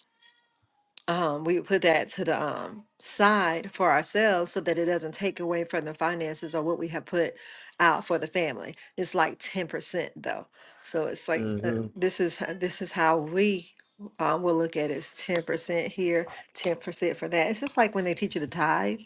Speaker 3: um, we put that to the um, side for ourselves so that it doesn't take away from the finances or what we have put out for the family. It's like 10% though. So it's like uh,
Speaker 1: Mm-hmm.
Speaker 3: this is h- this is how we um, will look at it. It's 10% here, 10% for that. It's just like when they teach you the tithe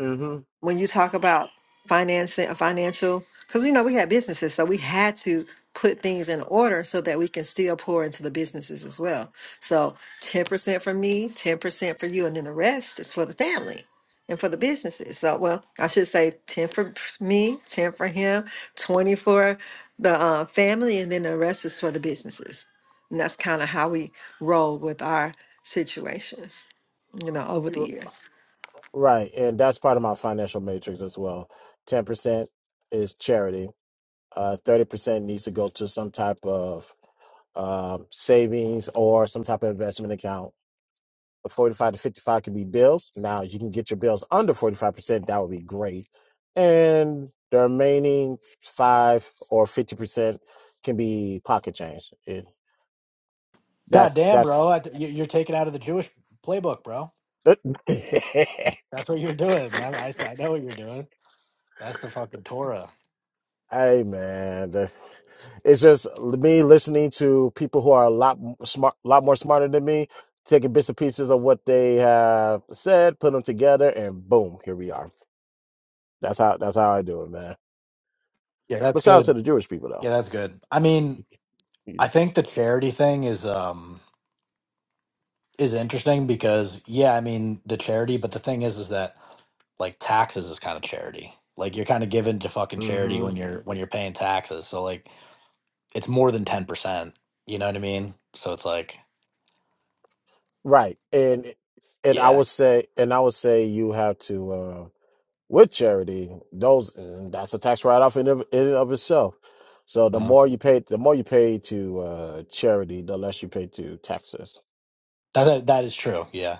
Speaker 1: Mm-hmm.
Speaker 3: when you talk about financing a financial because you know we had businesses so we had to put things in order so that we can still pour into the businesses as well so 10% for me 10% for you and then the rest is for the family and for the businesses so well i should say 10 for me 10 for him 20 for the uh, family and then the rest is for the businesses and that's kind of how we roll with our situations you know over the
Speaker 1: You're
Speaker 3: years
Speaker 1: Right. And that's part of my financial matrix as well. 10% is charity. Uh, 30% needs to go to some type of um, savings or some type of investment account. But 45 to 55 could be bills. Now, if you can get your bills under 45%, that would be great. And the remaining 5 or 50% can be pocket change. It,
Speaker 4: God
Speaker 1: that's,
Speaker 4: damn,
Speaker 1: that's,
Speaker 4: bro. I, you- you're taken out of the Jewish playbook, bro.
Speaker 1: hey
Speaker 4: That's what you're doing. That, I, s- I know what you're doing. That's the fucking Torah.
Speaker 1: man, the- it's just me listening to people who are a lot m- smart, lot more smarter than me, taking bits and pieces of what they have said, put them together, and boom, here we are. That's how that's how I do it, man.
Speaker 4: Yeah, that's
Speaker 1: But shout out
Speaker 4: good.
Speaker 1: to the Jewish people
Speaker 4: Yeah,
Speaker 1: though.
Speaker 4: that's good. I mean, I think the charity thing is um is interesting because yeah, I mean the charity, but the thing is is that like taxes is kind of charity. Like you're kind of given to fucking charity
Speaker 1: hmm
Speaker 4: when you're when you're paying taxes. So like it's more than ten percent. You know what I mean? So it's like
Speaker 1: Right. And and I
Speaker 4: yeah,
Speaker 1: would say and I would say you have to uh with charity, those that's a tax write off in of, in and of itself. So the
Speaker 4: uh
Speaker 1: more you pay the more you pay to uh charity, the less you pay to taxes.
Speaker 4: that that is true. Yeah.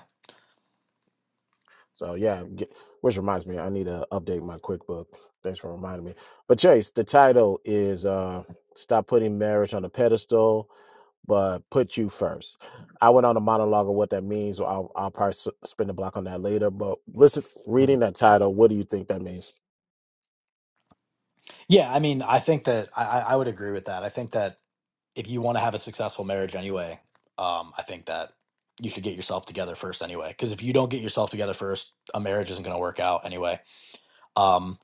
Speaker 1: So yeah, get, which reminds me, I need to update my QuickBook. Thanks for reminding me. But Chase, the title is uh Stop Putting Marriage on a Pedestal but put you first. I went on a monologue of what that means. Or I'll, I'll probably s- spend a block on that later. But listen, reading that title, what do you think that means?
Speaker 4: Yeah, I mean, I think that I, I I would agree with that. I think that if you want to have a successful marriage anyway, um, I think that you should get yourself together first anyway. Because if you don't get yourself together first, a marriage isn't going to work out anyway. Um,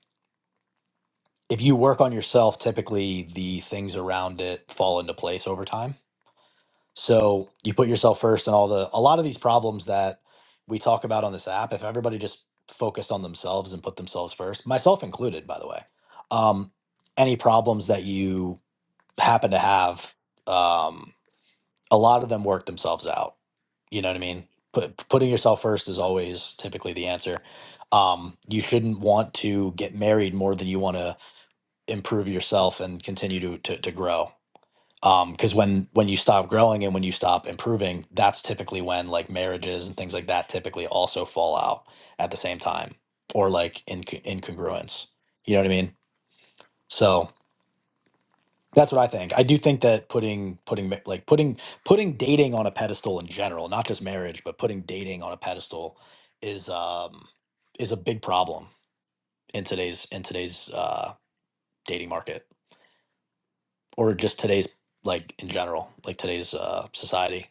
Speaker 4: if you work on yourself, typically the things around it fall into place over time. So you put yourself first, and all the a lot of these problems that we talk about on this app, if everybody just focused on themselves and put themselves first, myself included, by the way, um, any problems that you happen to have, um, a lot of them work themselves out. You know what I mean? Put, putting yourself first is always typically the answer. Um, you shouldn't want to get married more than you want to improve yourself and continue to to, to grow. Because when when you stop growing and when you stop improving, that's typically when like marriages and things like that typically also fall out at the same time or like in incongruence. You know what I mean? So That's what I think. I do think that putting putting ma- like putting putting dating on a pedestal in general, not just marriage, but putting dating on a pedestal is um is a big problem in today's in today's uh dating market or just today's like in general, like today's uh society.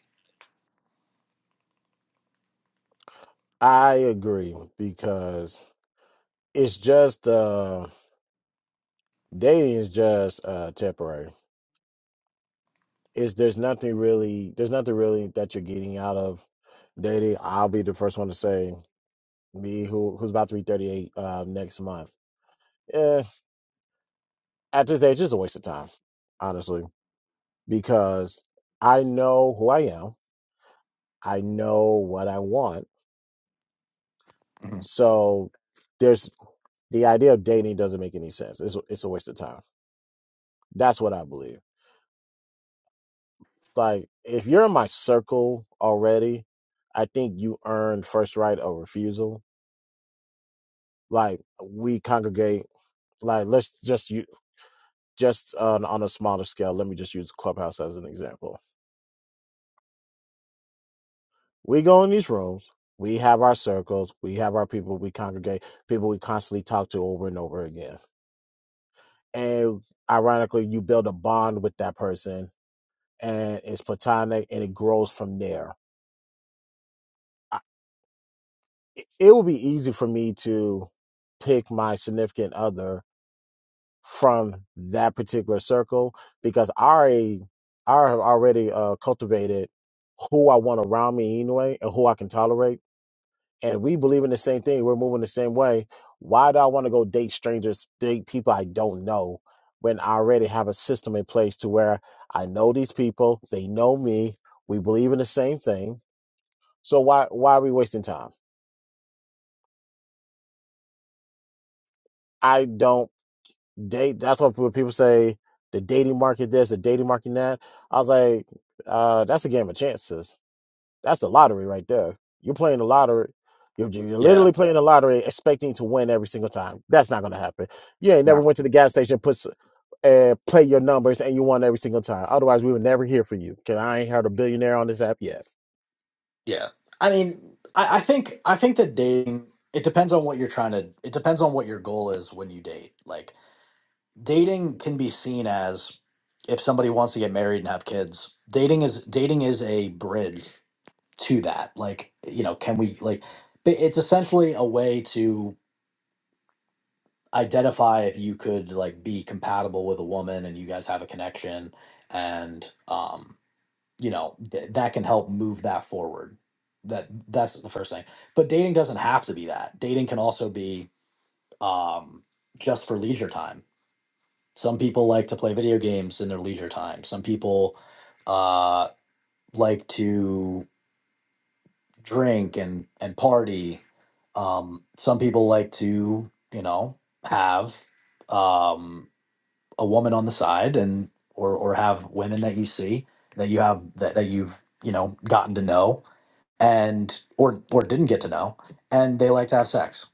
Speaker 1: I agree because it's just uh, dating is just uh, temporary. is there's nothing really there's nothing really that you're getting out of dating. I'll be the first one to say me who who's about to be 38 uh, next month. Eh, at this age, it's a waste of time, honestly, because I know who I am. I know what I want.
Speaker 4: Mhm.
Speaker 1: So there's the idea of dating doesn't make any sense. It's it's a waste of time. That's what I believe. Like if you're in my circle already, I think you earn first right of refusal like we congregate like let's just you just on, on a smaller scale let me just use clubhouse as an example we go in these rooms we have our circles we have our people we congregate people we constantly talk to over and over again and ironically you build a bond with that person and it's platonic and it grows from there I, it it would be easy for me to pick my significant other from that particular circle because I already, I have already uh, cultivated who I want around me anyway and who I can tolerate. And we believe in the same thing. We're moving the same way. Why do I want to go date strangers, date people I don't know when I already have a system in place to where I know these people, they know me, we believe in the same thing. So why why are we wasting time? I don't date. That's what people say the dating market this, the dating market that. I was like, uh, that's a game of chances. That's the lottery right there. You're playing the lottery. You're, you're
Speaker 4: Yeah.
Speaker 1: literally playing the lottery, expecting to win every single time. That's not gonna happen. You ain't
Speaker 4: No.
Speaker 1: never went to the gas station, put s- and uh, play your numbers, and you won every single time. Otherwise, we would never hear from you. Cause I ain't heard a billionaire on this app yet.
Speaker 4: Yeah. I mean, I, I think I think that dating it depends on what you're trying to it depends on what your goal is when you date. Like dating can be seen as if somebody wants to get married and have kids dating is dating is a bridge to that like you know can we like but it's essentially a way to identify if you could like be compatible with a woman and you guys have a connection and um you know th- that can help move that forward that that's the first thing but dating doesn't have to be that dating can also be um just for leisure time Some people like to play video games in their leisure time. Some people uh, like to drink and and party. Um, some people like to, you know, have um, a woman on the side and or or have women that you see that you have that, that you've you know gotten to know and or or didn't get to know, and they like to have sex.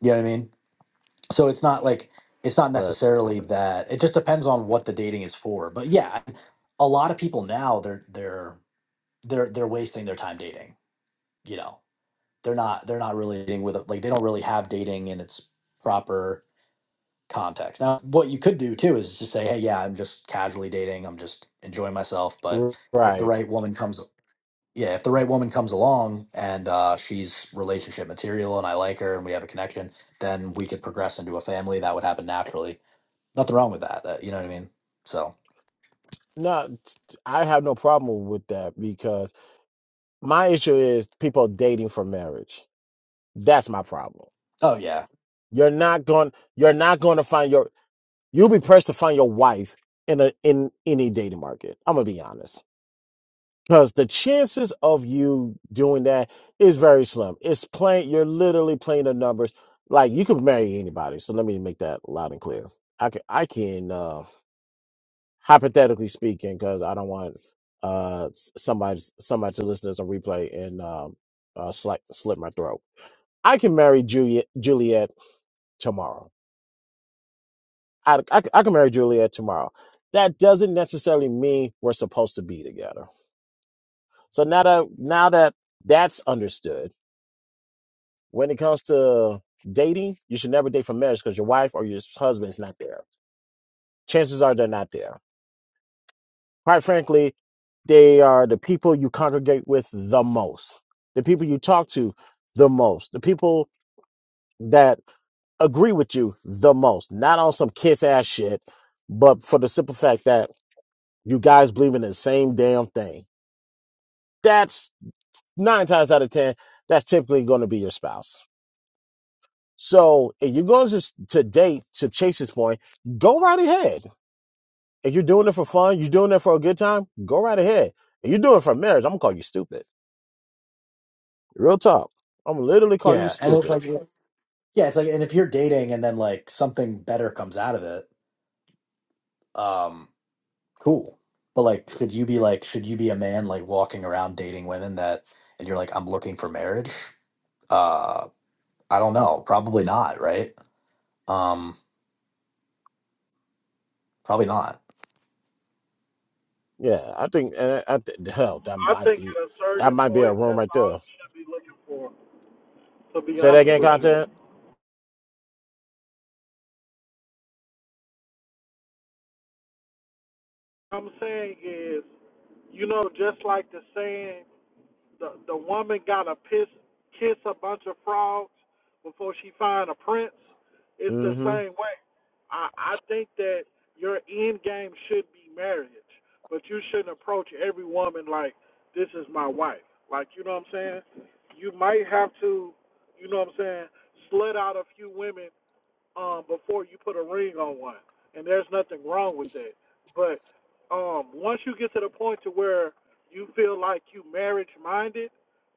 Speaker 4: You know what I mean? so it's not like it's not
Speaker 1: But
Speaker 4: necessarily that it just depends on what the dating is for but yeah I- a lot of people now they're they're they're they're wasting their time dating you know they're not they're not really dating with a- like they don't really have dating in its proper context now what you could do too is just say hey yeah i'm just casually dating i'm just enjoying myself but if the
Speaker 1: right,
Speaker 4: right woman comes yeah if the right woman comes along and uh, she's relationship material and i like her and we have a connection then we could progress into a family that would happen naturally nothing wrong with that, that you know what I mean? So,
Speaker 1: no, I have no problem with that because my issue is people dating for marriage That's my problem.
Speaker 4: oh yeah,
Speaker 1: You're not going. You're not going to find your. You'll be pressed to find your wife in a in any dating market. I'm gonna be honest, because the chances of you doing that is very slim. It's playing. You're literally playing the numbers. Like you could marry anybody. So let me make that loud and clear. I can. I can. Uh, hypothetically speaking, because I don't want uh s- somebody somebody to listen to some replay and um uh, sli- slit my throat. I can marry Juliet Juliet tomorrow I I I can marry Juliet tomorrow. That doesn't necessarily mean we're supposed to be together. So now that now that that's understood, when it comes to dating, you should never date for marriage because your wife or your husband's not there. Chances are they're not there. Quite frankly, they are the people you congregate with the most, the people you talk to the most, the people that agree with you the most. Not on some kiss ass shit, but for the simple fact that you guys believe in the same damn thing that's nine times out of ten, that's typically going to be your spouse. So if you go to, to date to Chase's point, go right ahead. If you're doing it for fun, you're doing it for a good time, go right ahead. If you're doing it for marriage, I'm gonna call you stupid. Real talk. I'm gonna literally call you
Speaker 4: yeah, and it's
Speaker 1: stupid.
Speaker 4: like, yeah, it's like, and if you're dating and then like something better comes out of it, um, cool. But like, should you be like, should you be a man like walking around dating women that, and you're like, I'm looking for marriage? Uh, I don't know, probably not, right? Um, probably not.
Speaker 1: Yeah, I think. And I, I th- hell, that
Speaker 2: I
Speaker 1: might
Speaker 2: think
Speaker 1: be
Speaker 2: at a
Speaker 1: that
Speaker 2: certain
Speaker 1: might be a
Speaker 2: point,
Speaker 1: room
Speaker 2: that's
Speaker 1: right
Speaker 2: all
Speaker 1: there.
Speaker 2: you should be looking for. To be
Speaker 1: Say that
Speaker 2: honest
Speaker 1: again,
Speaker 2: with you,
Speaker 1: content.
Speaker 2: what I'm saying is, you know, just like the saying. the the woman got to piss kiss a bunch of frogs before she find a prince. It's the
Speaker 1: Mm-hmm.
Speaker 2: same way. I I think that your end game should be marriage, but you shouldn't approach every woman like this is my wife. Like you know what I'm saying? You might have to, you know what I'm saying, slut out a few women um, before you put a ring on one, and there's nothing wrong with that. But um, once you get to the point to where you feel like you marriage minded,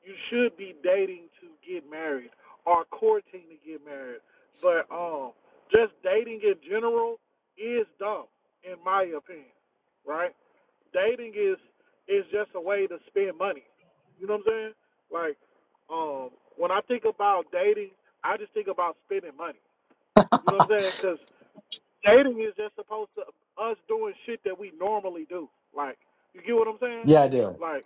Speaker 2: you should be dating to get married or courting to get married. But um, just dating in general is dumb, in my opinion. Right? Dating is is just a way to spend money. You know what I'm saying? Like, um, when I think about dating, I just think about spending money. You know what I'm saying? Because dating is just supposed to us doing shit that we normally do. Like, you get what I'm saying?
Speaker 4: Yeah, I do.
Speaker 2: Like,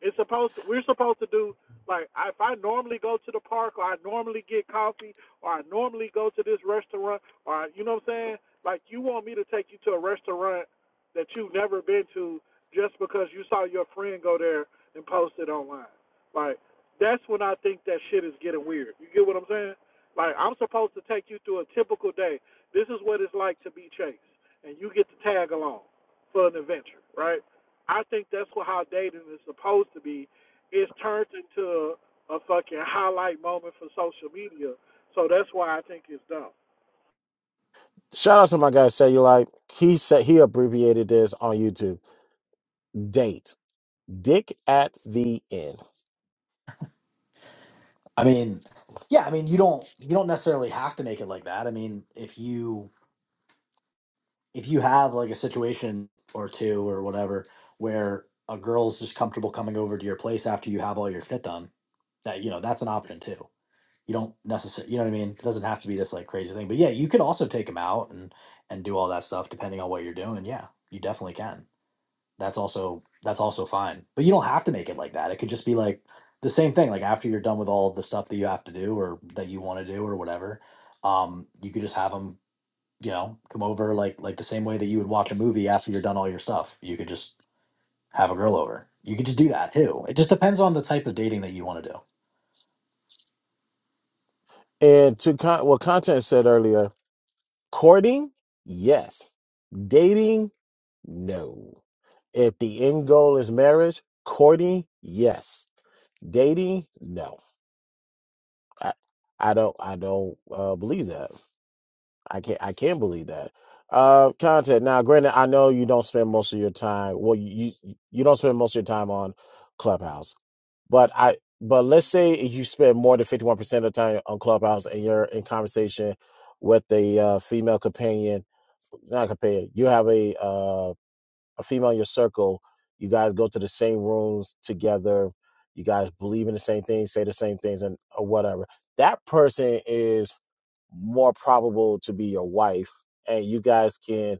Speaker 2: it's supposed to, we're supposed to do like if I normally go to the park or I normally get coffee or I normally go to this restaurant or you know what I'm saying? Like you want me to take you to a restaurant that you've never been to just because you saw your friend go there and post it online. Like that's when I think that shit is getting weird. You get what I'm saying? Like I'm supposed to take you through a typical day. This is what it's like to be chased and you get to tag along for an adventure, right? I think that's what how dating is supposed to be. It's turned into a fucking highlight moment for social media. So that's why I think it's dumb.
Speaker 1: Shout out to my guy Cellulite. He said he abbreviated this on YouTube. Date. Dick at the end.
Speaker 4: I mean, yeah, I mean, you don't you don't necessarily have to make it like that. I mean, if you if you have like a situation or two or whatever where a girl's just comfortable coming over to your place after you have all your shit done, that you know that's an option too. You don't necessarily, you know what I mean. It doesn't have to be this like crazy thing, but yeah, you could also take them out and and do all that stuff depending on what you're doing. Yeah, you definitely can. That's also that's also fine, but you don't have to make it like that. It could just be like the same thing. Like after you're done with all the stuff that you have to do or that you want to do or whatever, um, you could just have them you know, come over like like the same way that you would watch a movie after you're done all your stuff. You could just have a girl over. You could just do that too. It just depends on the type of dating that you want to do.
Speaker 1: And to con- what content said earlier, courting, yes. Dating, no. If the end goal is marriage, courting, yes. Dating? No, I, I don't. I don't uh, believe that. I can't. I can't believe that. Uh, content. Now, granted, I know you don't spend most of your time. Well, you you you don't spend most of your time on Clubhouse, but I. But let's say you spend more than fifty one percent of the time on Clubhouse, and you're in conversation with a uh, female companion. Not companion. You have a uh, a female in your circle, you guys go to the same rooms together, you guys believe in the same things, say the same things, and or whatever. That person is more probable to be your wife, and you guys can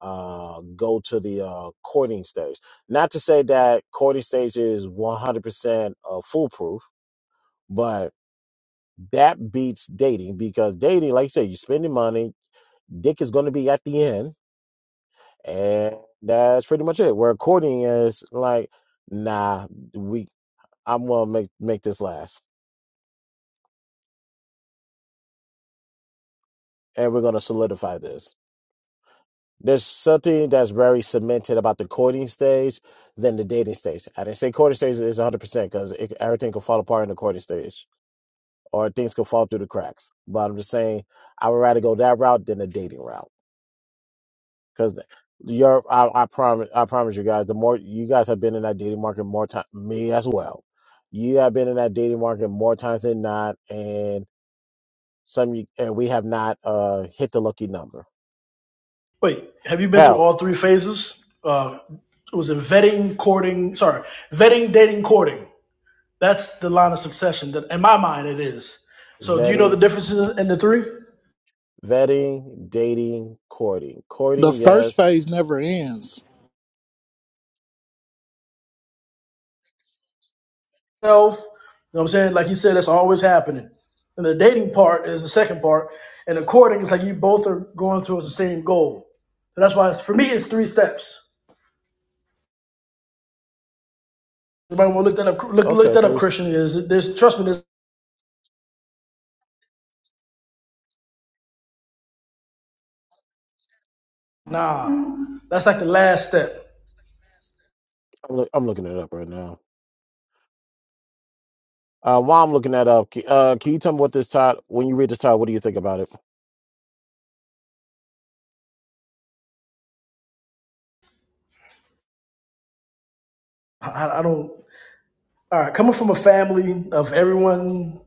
Speaker 1: uh, go to the uh, courting stage. Not to say that courting stage is 100% uh, foolproof, but that beats dating because dating, like you said, you're spending money. Dick is going to be at the end And that's pretty much it. Where courting is like, nah, we I'm gonna make make this last. And we're gonna solidify this. There's something that's very cemented about the courting stage than the dating stage. I didn't say courting stage is 100% because everything could fall apart in the courting stage or things could fall through the cracks. But I'm just saying I would rather go that route than the dating route. because your, I, I promise I promise you guys the more you guys have been in that dating market more time me as well you have been in that dating market more times than not and some you- and we have not uh hit the lucky number
Speaker 5: Wait, have you been through
Speaker 1: hell
Speaker 5: all three phases? Uh, it was a vetting, courting? Sorry, vetting, dating, courting. That's the line of succession that, in my mind, it is. So, do you know the
Speaker 1: vetting
Speaker 5: differences in the three?
Speaker 1: vetting dating courting
Speaker 2: The
Speaker 1: courting
Speaker 2: first
Speaker 1: yes
Speaker 2: phase never ends.
Speaker 5: Health, you know what I'm saying? Like you said, that's always happening. And the dating part is the second part, and the courting is like you both are going towards the same goal. And that's why, it's, for me, it's three steps. Everybody want to look that up. Look, look
Speaker 1: okay
Speaker 5: that up,
Speaker 1: three
Speaker 5: Christian. Is there's trust me? There's, nah, that's like the last step.
Speaker 1: I'm, loo- I'm looking it up right now Uh, while I'm looking that up, c- uh, can you tell me what this title? When you read this title, what do you think about it?
Speaker 5: I I don't. All right, coming from a family of everyone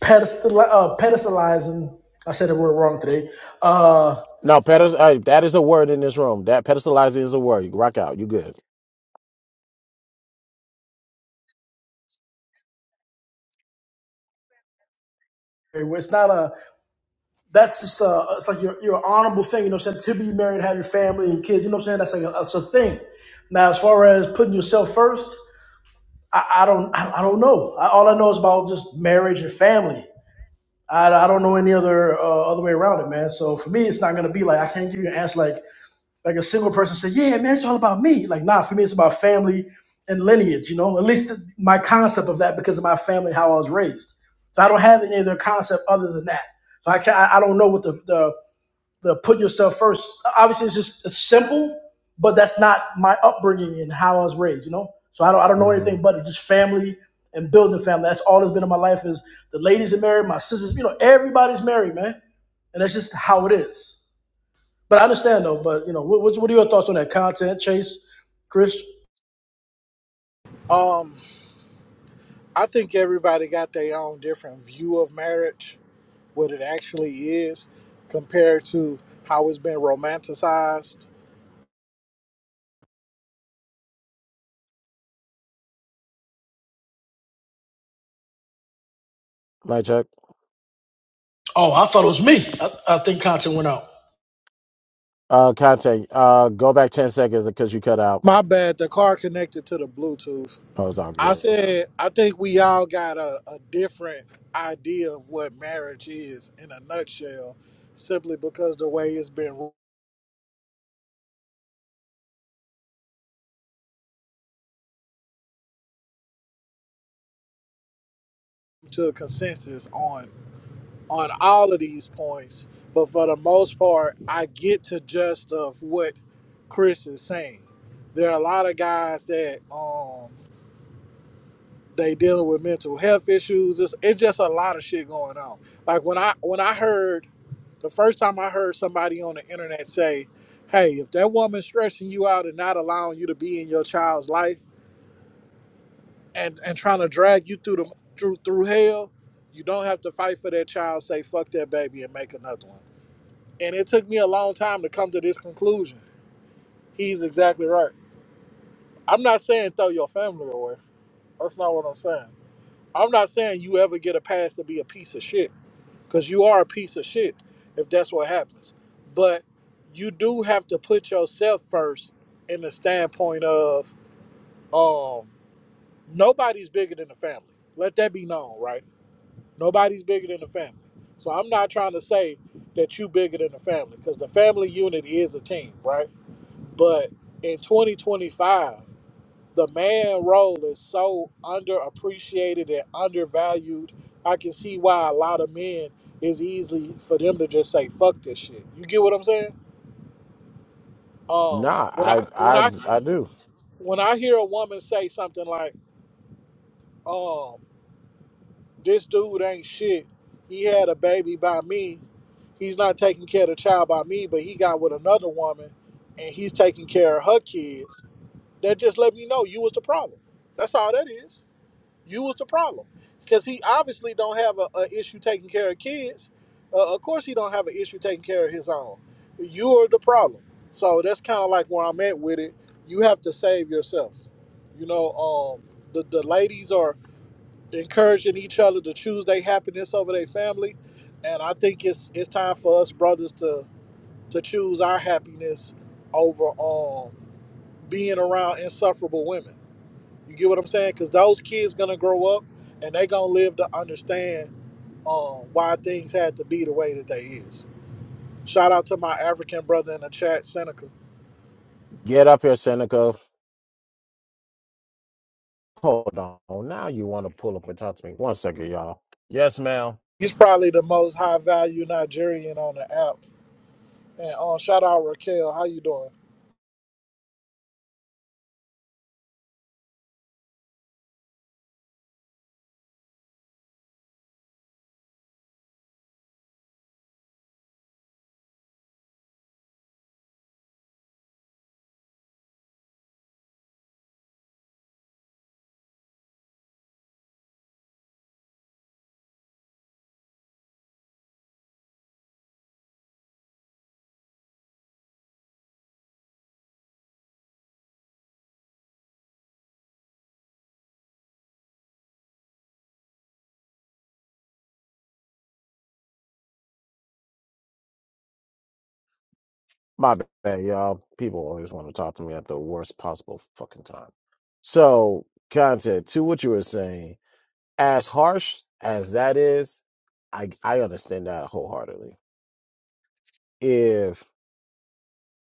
Speaker 5: pedestal, uh, pedestalizing, I said the word wrong today. Uh,
Speaker 1: No, pedest- uh, that is a word in this room. That pedestalizing is a word. You rock out. You good.
Speaker 5: it's not a, that's just a, it's like your, your honorable thing, you know what I'm saying? To be married, have your family and kids, you know what I'm saying? That's like a, that's a thing. Now, as far as putting yourself first, I, I don't, I, I don't know. I, all I know is about just marriage and family. I, I don't know any other uh, other way around it, man. So for me, it's not gonna be like I can't give you an answer like like a single person say, "Yeah, man, it's all about me." Like, nah, for me, it's about family and lineage. You know, at least th- my concept of that because of my family, how I was raised. So I don't have any other concept other than that. So I can I I don't know what the the the put yourself first. Obviously, it's just it's simple, but that's not my upbringing and how I was raised. You know, so I don't I don't know
Speaker 1: Mm-hmm.
Speaker 5: anything but it. just family and building family. That's all that's been in my life is the ladies are married, my sisters. You know, everybody's married, man, and that's just how it is. But I understand though. But you know, what, what are your thoughts on that content, Chase, Chris?
Speaker 2: Um, I think everybody got their own different view of marriage, what it actually is, compared to how it's been romanticized.
Speaker 1: My check.
Speaker 5: Oh, I thought it was me. I, I think content went out.
Speaker 1: Uh, content. Uh, go back ten seconds because you cut out.
Speaker 2: My bad, the car connected to the Bluetooth.
Speaker 1: Oh, it's all
Speaker 2: I
Speaker 1: good.
Speaker 2: said, I think we all got a, a different idea of what marriage is in a nutshell, simply because the way it's been to a consensus on on all of these points. But for the most part, I get to just of what Chris is saying. There are a lot of guys that um they dealing with mental health issues. It's, it's just a lot of shit going on. Like when I when I heard The first time I heard somebody on the internet say, "Hey, if that woman's stressing you out and not allowing you to be in your child's life and and trying to drag you through the through through hell, you don't have to fight for that child. Say fuck that baby and make another one." And it took me a long time to come to this conclusion. He's exactly right. I'm not saying throw your family away. That's not what I'm saying. I'm not saying you ever get a pass to be a piece of shit. because you are a piece of shit if that's what happens. But you do have to put yourself first in the standpoint of um, nobody's bigger than the family. Let that be known, right? Nobody's bigger than the family. So I'm not trying to say that you bigger than the family because the family unit is a team, right? But in 2025 the man role is so underappreciated and undervalued. I can see why a lot of men is easy for them to just say fuck this shit. You get what I'm saying? Um,
Speaker 1: Nah,
Speaker 2: when I
Speaker 1: I,
Speaker 2: when
Speaker 1: I,
Speaker 2: I
Speaker 1: I do.
Speaker 2: when I hear a woman say something like, "Um, this dude ain't shit. He had a baby by me. He's not taking care of the child by me, but he got with another woman, and he's taking care of her kids." That just let me know you was the problem. That's all that is. You was the problem because he obviously don't have a, a issue taking care of kids. Uh, of course, he don't have an issue taking care of his own. You are the problem. So that's kind of like where I'm at with it. You have to save yourself. You know, um, the the ladies are encouraging each other to choose their happiness over their family, and I think it's it's time for us brothers to to choose our happiness over um being around insufferable women. You get what I'm saying? Because those kids gonna grow up and they gonna live to understand um, why things had to be the way that they is. Shout out to my African brother in the chat, Seneca.
Speaker 1: Get up here, Seneca. Hold on. Now you want to pull up and talk to me? One second, y'all. Yes, ma'am.
Speaker 2: He's probably the most high value Nigerian on the app. And um, shout out Raquel, how you doing?
Speaker 1: My bad, y'all. People always want to talk to me at the worst possible fucking time. So, content to what you were saying, as harsh as that is, I I understand that wholeheartedly. If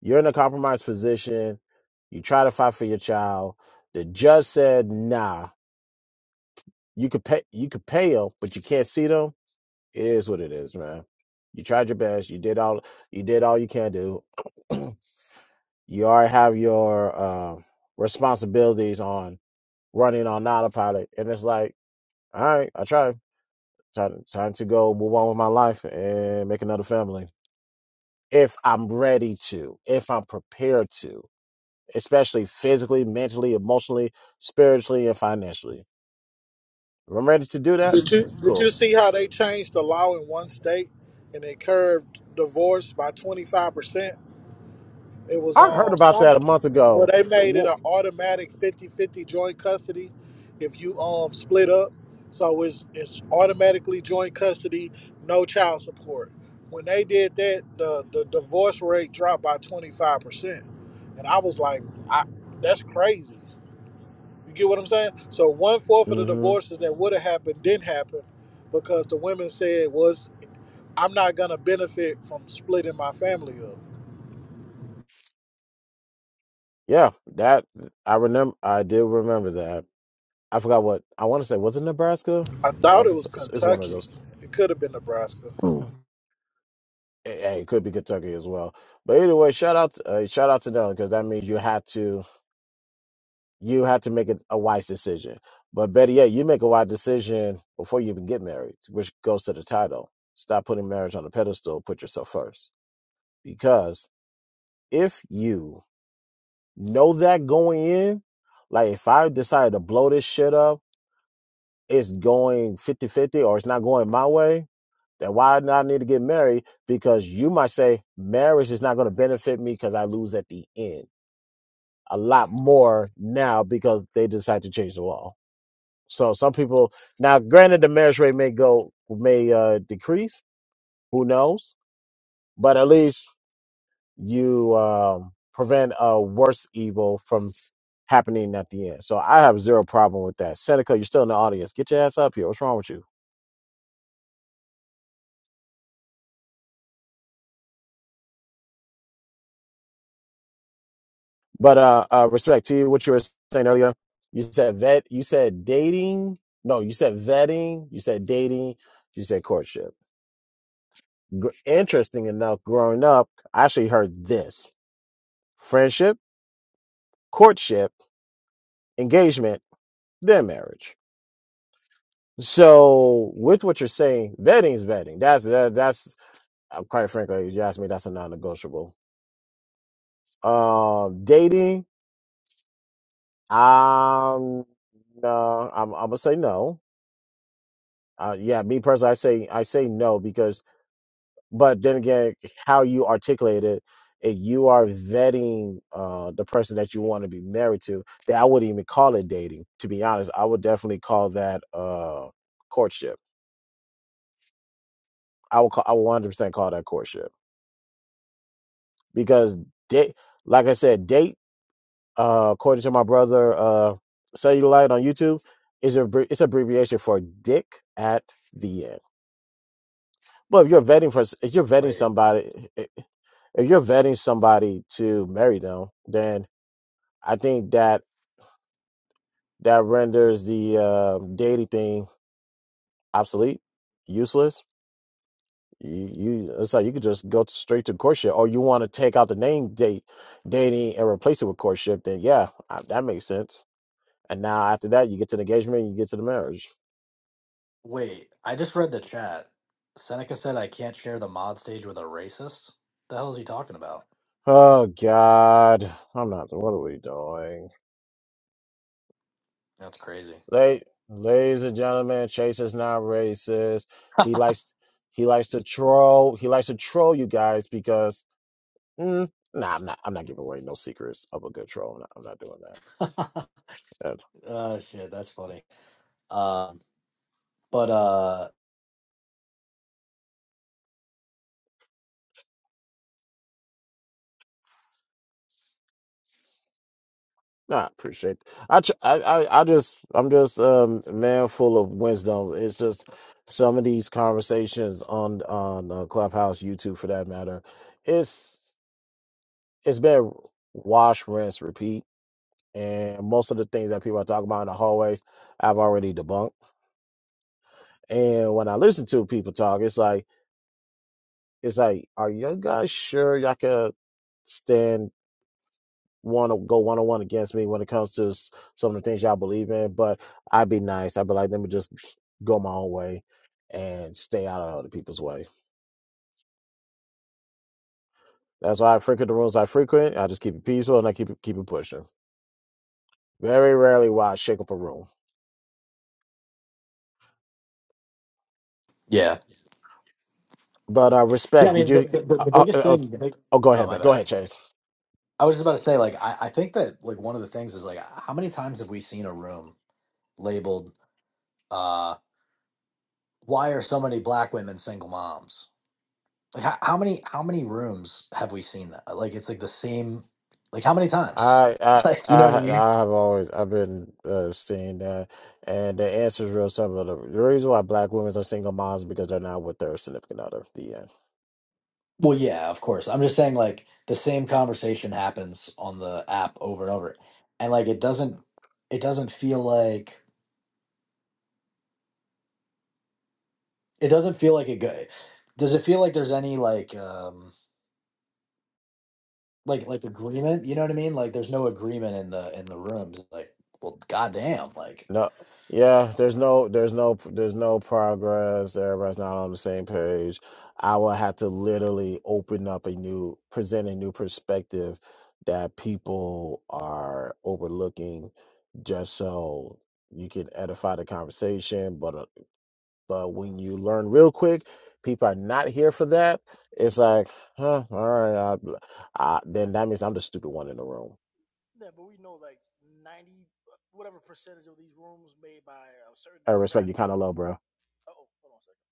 Speaker 1: you're in a compromised position, you try to fight for your child, the judge said, "Nah, you could pay you could pay them, but you can't see them." It is what it is, man. You tried your best. You did all you did all you can do. You already have your um, responsibilities on running on autopilot, and it's like, all right, I try, Time, time to go move on with my life and make another family. If I'm ready to, if I'm prepared to, especially physically, mentally, emotionally, spiritually, and financially. If I'm ready to do that,
Speaker 2: Did you did you
Speaker 1: cool.
Speaker 2: see how they changed the law in one state and it curved divorce by 25%? It was
Speaker 1: I heard
Speaker 2: um
Speaker 1: about
Speaker 2: some
Speaker 1: that a month
Speaker 2: well
Speaker 1: ago.
Speaker 2: they made it an automatic fifty-fifty joint custody if you um split up. So it's it's automatically joint custody, no child support. When they did that, the the divorce rate dropped by twenty five percent, and I was like, I, that's crazy. You get what I'm saying? So one fourth of the
Speaker 1: Mm-hmm.
Speaker 2: divorces that would have happened didn't happen because the women said was I'm not gonna benefit from splitting my family up.
Speaker 1: Yeah, that I remember. I do remember that. I forgot what I want to say. Was it Nebraska
Speaker 2: I
Speaker 1: or
Speaker 2: thought it was
Speaker 1: Arkansas? It's it's one of
Speaker 2: Kentucky.
Speaker 1: those.
Speaker 2: It could have been Nebraska.
Speaker 1: Mm. And it could be Kentucky as well. But either way, shout out, uh, shout out to them because that means you had to, you had to make it a wise decision. But better yet, you make a wise decision before you even get married, which goes to the title. Stop putting marriage on a pedestal. Put yourself first. Because if you know that going in, like if I decide to blow this shit up, it's going fifty-fifty, or it's not going my way That why do I need to get married? Because you might say marriage is not going to benefit me because I lose at the end a lot more now because they decide to change the law. So some people now, granted, the marriage rate may go may uh, decrease. Who knows? But at least you um, prevent a worse evil from happening at the end. So I have zero problem with that. Seneca, you're still in the audience. Get your ass up here. What's wrong with you? But uh, uh, respect to you, what you were saying earlier. You said vet. You said dating. No, you said vetting. You said dating. You said courtship. Gr- Interesting enough, growing up, I actually heard this: friendship, courtship, engagement, then marriage. So, with what you're saying, vetting is vetting. That's that, that's uh, quite frankly, if you ask me, that's a non-negotiable. Um, dating, um, no, I'm, I'm gonna say no Uh, yeah, me personally, I say I say no because, but then again, how you articulate it, if you are vetting uh, the person that you want to be married to, then I wouldn't even call it dating. To be honest, I would definitely call that uh, courtship. I would call I would one hundred percent call that courtship because date, like I said, date uh, according to my brother uh, Cellulite on YouTube is a it's abbreviation for dick at the end. But if you're vetting for if you're vetting
Speaker 4: Wait,
Speaker 1: somebody. if you're vetting somebody to marry them, then I think that that renders the uh, dating thing obsolete, useless. You, you it's like you could just go straight to courtship, or you want to take out the name date dating and replace it with courtship. Then yeah, uh, that makes sense. And now after that, you get to the engagement, you get to the marriage.
Speaker 4: wait. I just read the chat. Seneca said I can't share the mod stage with a racist. The hell is he talking about?
Speaker 1: Oh God, I'm not. What are we doing?
Speaker 4: That's crazy.
Speaker 1: ladies and gentlemen, Chase is not racist. He likes he likes to troll. He likes to troll you guys because mm, nah, I'm not. I'm not giving away no secrets of a good troll. No, I'm not doing that. And,
Speaker 4: Oh shit, that's funny. Um, but uh,
Speaker 1: nah, I appreciate. I, tr- I I I just I'm just um man full of wisdom. It's just some of these conversations on on uh, Clubhouse, YouTube, for that matter. It's it's been wash, rinse, repeat and most of the things that people are talking about in the hallways, I've already debunked. And when I listen to people talk, it's like, it's like, are you guys sure y'all could stand want to go one on one against me when it comes to s- some of the things y'all believe in? But I'd be nice. I'd be like, let me just go my own way and stay out of other people's way. That's why I frequent the rooms I frequent. I just keep it peaceful and I keep it, keep it pushing. Very rarely will I shake up a room.
Speaker 4: yeah,
Speaker 1: But uh,
Speaker 4: yeah. I
Speaker 1: respect. Did
Speaker 4: mean, the
Speaker 1: you?
Speaker 4: the, the
Speaker 1: Uh,
Speaker 4: the
Speaker 1: uh,
Speaker 4: biggest
Speaker 1: uh,
Speaker 4: thing. The big,
Speaker 1: oh, go
Speaker 4: oh
Speaker 1: ahead,
Speaker 4: my
Speaker 1: man. Go
Speaker 4: bad.
Speaker 1: ahead, Chase.
Speaker 4: I was just about to say, like, I, I think that like one of the things is like, how many times have we seen a room labeled? uh, why are so many black women single moms? Like how, how many how many rooms have we seen that? Like it's like the same. Like how many times?
Speaker 1: I I
Speaker 4: Like you know
Speaker 1: I
Speaker 4: what I mean?
Speaker 1: I have always I've been uh, seeing that, and the answer is real simple. The the reason why black women are single moms is because they're not with their significant other. The end.
Speaker 4: Well, yeah, of course. I'm just saying like the same conversation happens on the app over and over, and like it doesn't it doesn't feel like it doesn't feel like it go. Does it feel like there's any like um like like agreement? You know what I mean? Like there's no agreement in the in the rooms. Like well, goddamn, like.
Speaker 1: No, yeah, there's no, there's no, there's no progress. Everybody's not on the same page. I will have to literally open up a new, present a new perspective that people are overlooking, just so you can edify the conversation. But, uh, but when you learn real quick, people are not here for that. It's like, huh, all right, I, I, then that means I'm the stupid one in the room.
Speaker 5: Yeah, but we know like ninety, whatever percentage of these rooms made by a certain
Speaker 1: I respect you,
Speaker 5: demographic.
Speaker 1: kind of low, bro.
Speaker 5: Oh, hold on a second.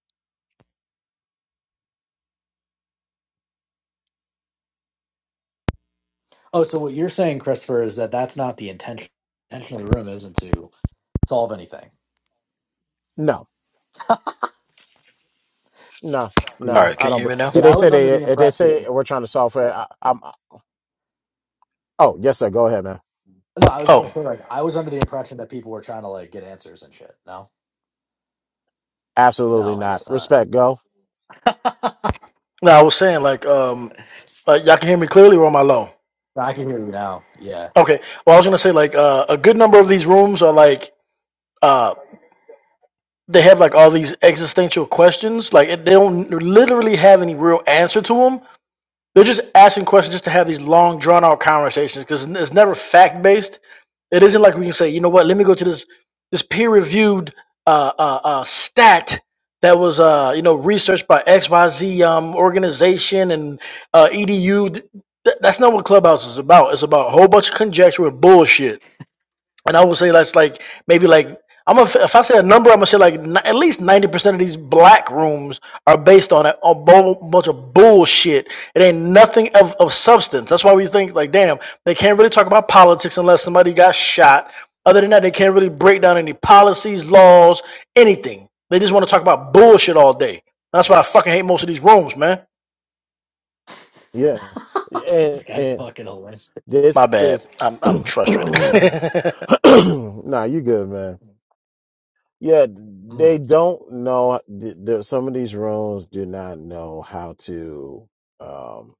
Speaker 4: Oh, so what you're saying, Christopher, is that that's not the intention. Intention of the room isn't to solve anything.
Speaker 1: No. No,
Speaker 5: All
Speaker 4: Yeah.
Speaker 1: no,
Speaker 5: right,
Speaker 1: I
Speaker 5: can you
Speaker 1: don't.
Speaker 5: hear
Speaker 1: bel-
Speaker 5: me now?
Speaker 4: See,
Speaker 1: If they
Speaker 4: I
Speaker 1: say
Speaker 4: was under
Speaker 1: they,
Speaker 4: the
Speaker 1: if they
Speaker 4: impression.
Speaker 1: say we're trying to solve for it, I, I'm. Oh, yes, sir. Go ahead, man.
Speaker 4: No, I was just gonna
Speaker 5: Oh,
Speaker 4: say like I was under the impression that people were trying to like get answers and shit. No,
Speaker 1: Absolutely
Speaker 4: no, I
Speaker 1: not.
Speaker 4: guess not.
Speaker 1: Respect. Go.
Speaker 5: no, I was saying like um, like, y'all can hear me clearly or am I low?
Speaker 4: I can hear you now. Yeah.
Speaker 5: Okay. Well, I was gonna say like uh, a good number of these rooms are like uh, they have like all these existential questions. Like it, they don't literally have any real answer to them, They're just asking questions just to have these long, drawn out conversations because it's never fact based. It isn't like we can say, you know what, let me go to this this peer reviewed uh, uh, uh, stat that was uh, you know researched by X Y Z um, organization and uh, edu. Th- that's not what Clubhouse is about. It's about a whole bunch of conjecture and bullshit and I would say that's like maybe like I'm gonna if I say a number, I'm gonna say like ni- at least ninety percent of these black rooms are based on a, a bu- bunch of bullshit. It ain't nothing of, of substance. That's why we think like, damn, they can't really talk about politics unless somebody got shot. Other than that, they can't really break down any policies, laws, anything. They just want to talk about bullshit all day. That's why I fucking hate most of these rooms, man.
Speaker 1: Yeah. And
Speaker 4: This guy's
Speaker 1: and
Speaker 4: fucking hilarious.
Speaker 5: My
Speaker 1: this
Speaker 5: bad.
Speaker 1: is.
Speaker 5: I'm I'm frustrated.
Speaker 1: nah, you good, man. Yeah, they
Speaker 4: Mm.
Speaker 1: don't know. th- th- Some of these rooms do not know how to um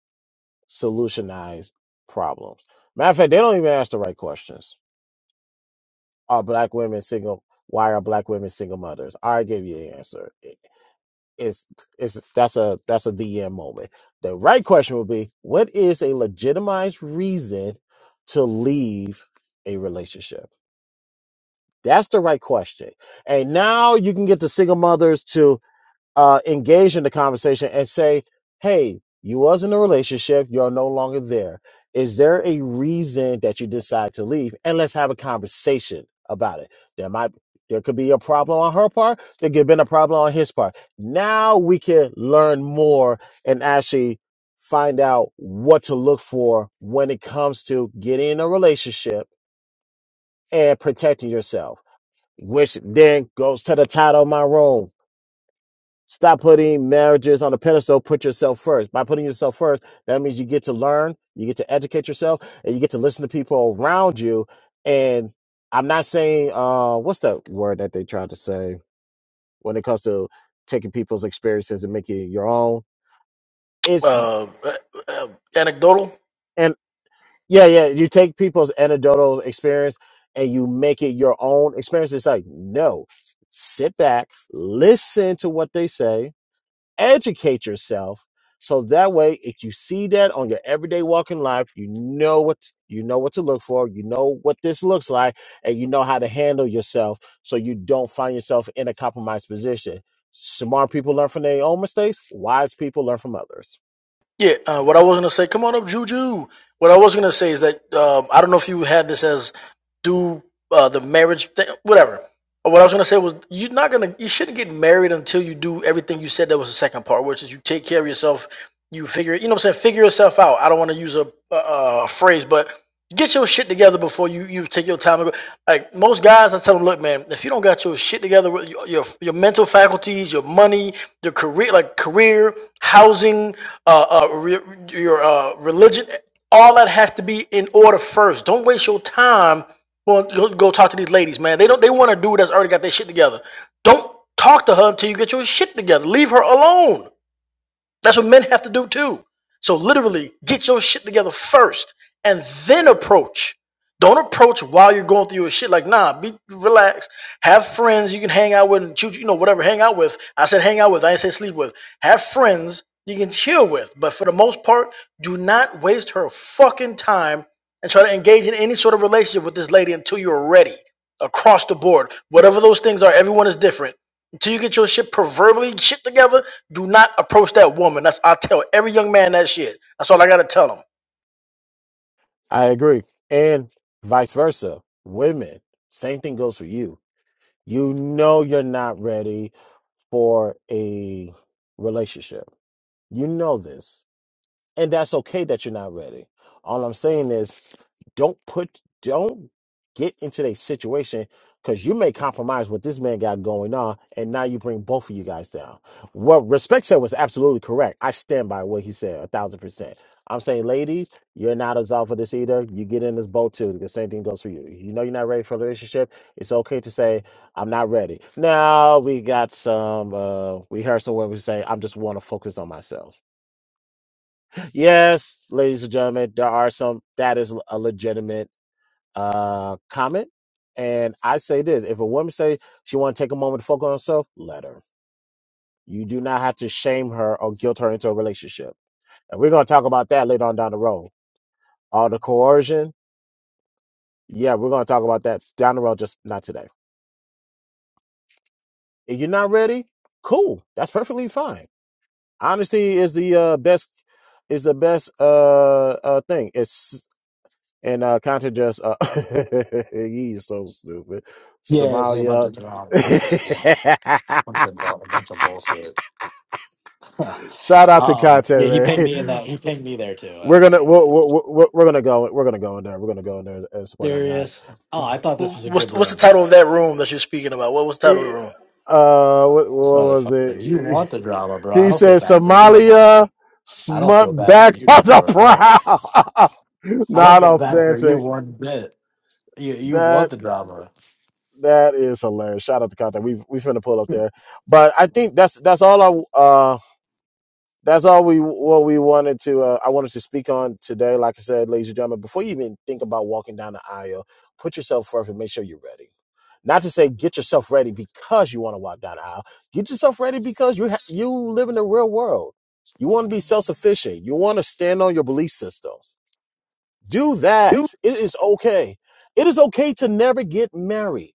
Speaker 1: solutionize problems. Matter of fact, they don't even ask the right questions. Are black women single? Why are black women single mothers? I already gave you the answer. It's it's that's a that's a DM moment. The right question would be, what is a legitimized reason to leave a relationship? That's the right question. And now you can get the single mothers to uh, engage in the conversation and say, "Hey, you was in a relationship. You're no longer there. Is there a reason that you decide to leave? And let's have a conversation about it. There might, there could be a problem on her part. There could have been a problem on his part. Now we can learn more and actually." Find out what to look for when it comes to getting in a relationship and protecting yourself, which then goes to the title of my room Stop putting marriages on a pedestal. Put yourself first. By putting yourself first, that means you get to learn, you get to educate yourself, and you get to listen to people around you. And I'm not saying, uh, what's the word that they try to say when it comes to taking people's experiences and making it your own? It's,
Speaker 5: uh, uh, uh, anecdotal.
Speaker 1: and yeah, yeah, you take people's anecdotal experience and you make it your own experience. It's like, no, sit back, listen to what they say educate yourself so that way if you see that on your everyday walk in life you know what you know what to look for you know what this looks like and you know how to handle yourself so you don't find yourself in a compromised position smart people learn from their own mistakes wise people learn from others
Speaker 5: Yeah, uh, what I was gonna say, come on up, Juju. What I was gonna say is that um, I don't know if you had this as do uh, the marriage thing, whatever. But what I was gonna say was you're not gonna, you shouldn't get married until you do everything you said. That was the second part, which is you take care of yourself, you figure, you know what I'm saying, figure yourself out. I don't want to use a, a, a phrase, but get your shit together before you, you take your time. Like most guys, I tell them, look, man, if you don't got your shit together with your your, your mental faculties, your money, your career, like career, housing, uh, uh re- your uh religion, all that has to be in order first. Don't waste your time. Going, go, go talk to these ladies, man. They don't. They want a dude that's already got their shit together. Don't talk to her until you get your shit together. Leave her alone. That's what men have to do too. So literally, get your shit together first and then approach. Don't approach while you're going through your shit. Like, nah, be relaxed. Have friends you can hang out with and choose, you know, whatever, hang out with. I said hang out with, I didn't say sleep with. Have friends you can chill with. But for the most part, do not waste her fucking time and try to engage in any sort of relationship with this lady until you're ready. Across the board. Whatever those things are, everyone is different until you get your shit proverbially shit together, do not approach that woman. That's I tell every young man that shit. That's all I gotta tell
Speaker 1: I agree. And vice versa. Women, same thing goes for you. You know you're not ready for a relationship. You know this. And that's okay that you're not ready. All I'm saying is don't put don't get into a situation because you may compromise what this man got going on and now you bring both of you guys down. What respect said was absolutely correct. I stand by what he said a thousand percent. I'm saying, ladies, you're not absolved for this either. You get in this boat too. The same thing goes for you. You know you're not ready for a relationship. It's okay to say, I'm not ready. Now we got some uh we heard some women say, I'm just want to focus on myself Yes, ladies and gentlemen, there are some that is a legitimate uh comment. And I say this if a woman say she want to take a moment to focus on herself, let her. You do not have to shame her or guilt her into a relationship. And we're gonna talk about that later on down the road. All the coercion, yeah, we're gonna talk about that down the road, just not today. If you're not ready, cool. That's perfectly fine. Honesty is the uh best is the best uh uh thing. It's and uh Contra just uh he's so stupid.
Speaker 4: Yeah, it's like a bunch
Speaker 1: Somalia.
Speaker 4: of drama and shit. Yeah, bunch of bu- a bunch of bullshit.
Speaker 1: Shout out to
Speaker 4: um, yeah,
Speaker 1: content
Speaker 4: he pinged me in
Speaker 1: man.
Speaker 4: that. He pinged me there too. I
Speaker 1: We're
Speaker 4: was
Speaker 1: gonna
Speaker 4: like, you know,
Speaker 1: we're, we're, we're we're gonna go we're gonna go in there. We're gonna go in there and support that guy.
Speaker 4: serious. Oh, I thought this
Speaker 5: him.
Speaker 4: was a
Speaker 5: What's
Speaker 4: good
Speaker 5: what's the
Speaker 4: room.
Speaker 5: title of that room that you're speaking about? What was the title of
Speaker 1: Eh,
Speaker 5: the room?
Speaker 1: Uh, what,
Speaker 4: this
Speaker 1: what was
Speaker 4: motherfucker. You
Speaker 1: it?
Speaker 4: want the drama, bro. I
Speaker 1: He
Speaker 4: don't feel
Speaker 1: said
Speaker 4: bad for you no more.
Speaker 1: Somalia
Speaker 4: I don't feel
Speaker 1: smut
Speaker 4: bad for
Speaker 1: back
Speaker 4: you
Speaker 1: on the
Speaker 4: anymore at all.
Speaker 1: prowl.
Speaker 4: I don't
Speaker 1: Not
Speaker 4: feel bad for you
Speaker 1: authentic.
Speaker 4: one bit. You you
Speaker 1: That.
Speaker 4: want the drama.
Speaker 1: That is hilarious. Shout out to contact. We we finna pull up there, but I think that's that's all I uh that's all we what we wanted to uh, I wanted to speak on today. Like I said, ladies and gentlemen, before you even think about walking down the aisle, put yourself first and make sure you're ready. Not to say get yourself ready because you want to walk down the aisle. Get yourself ready because you ha- you live in the real world. You want to be self sufficient. You want to stand on your belief systems. Do that. It is okay. It is okay to never get married.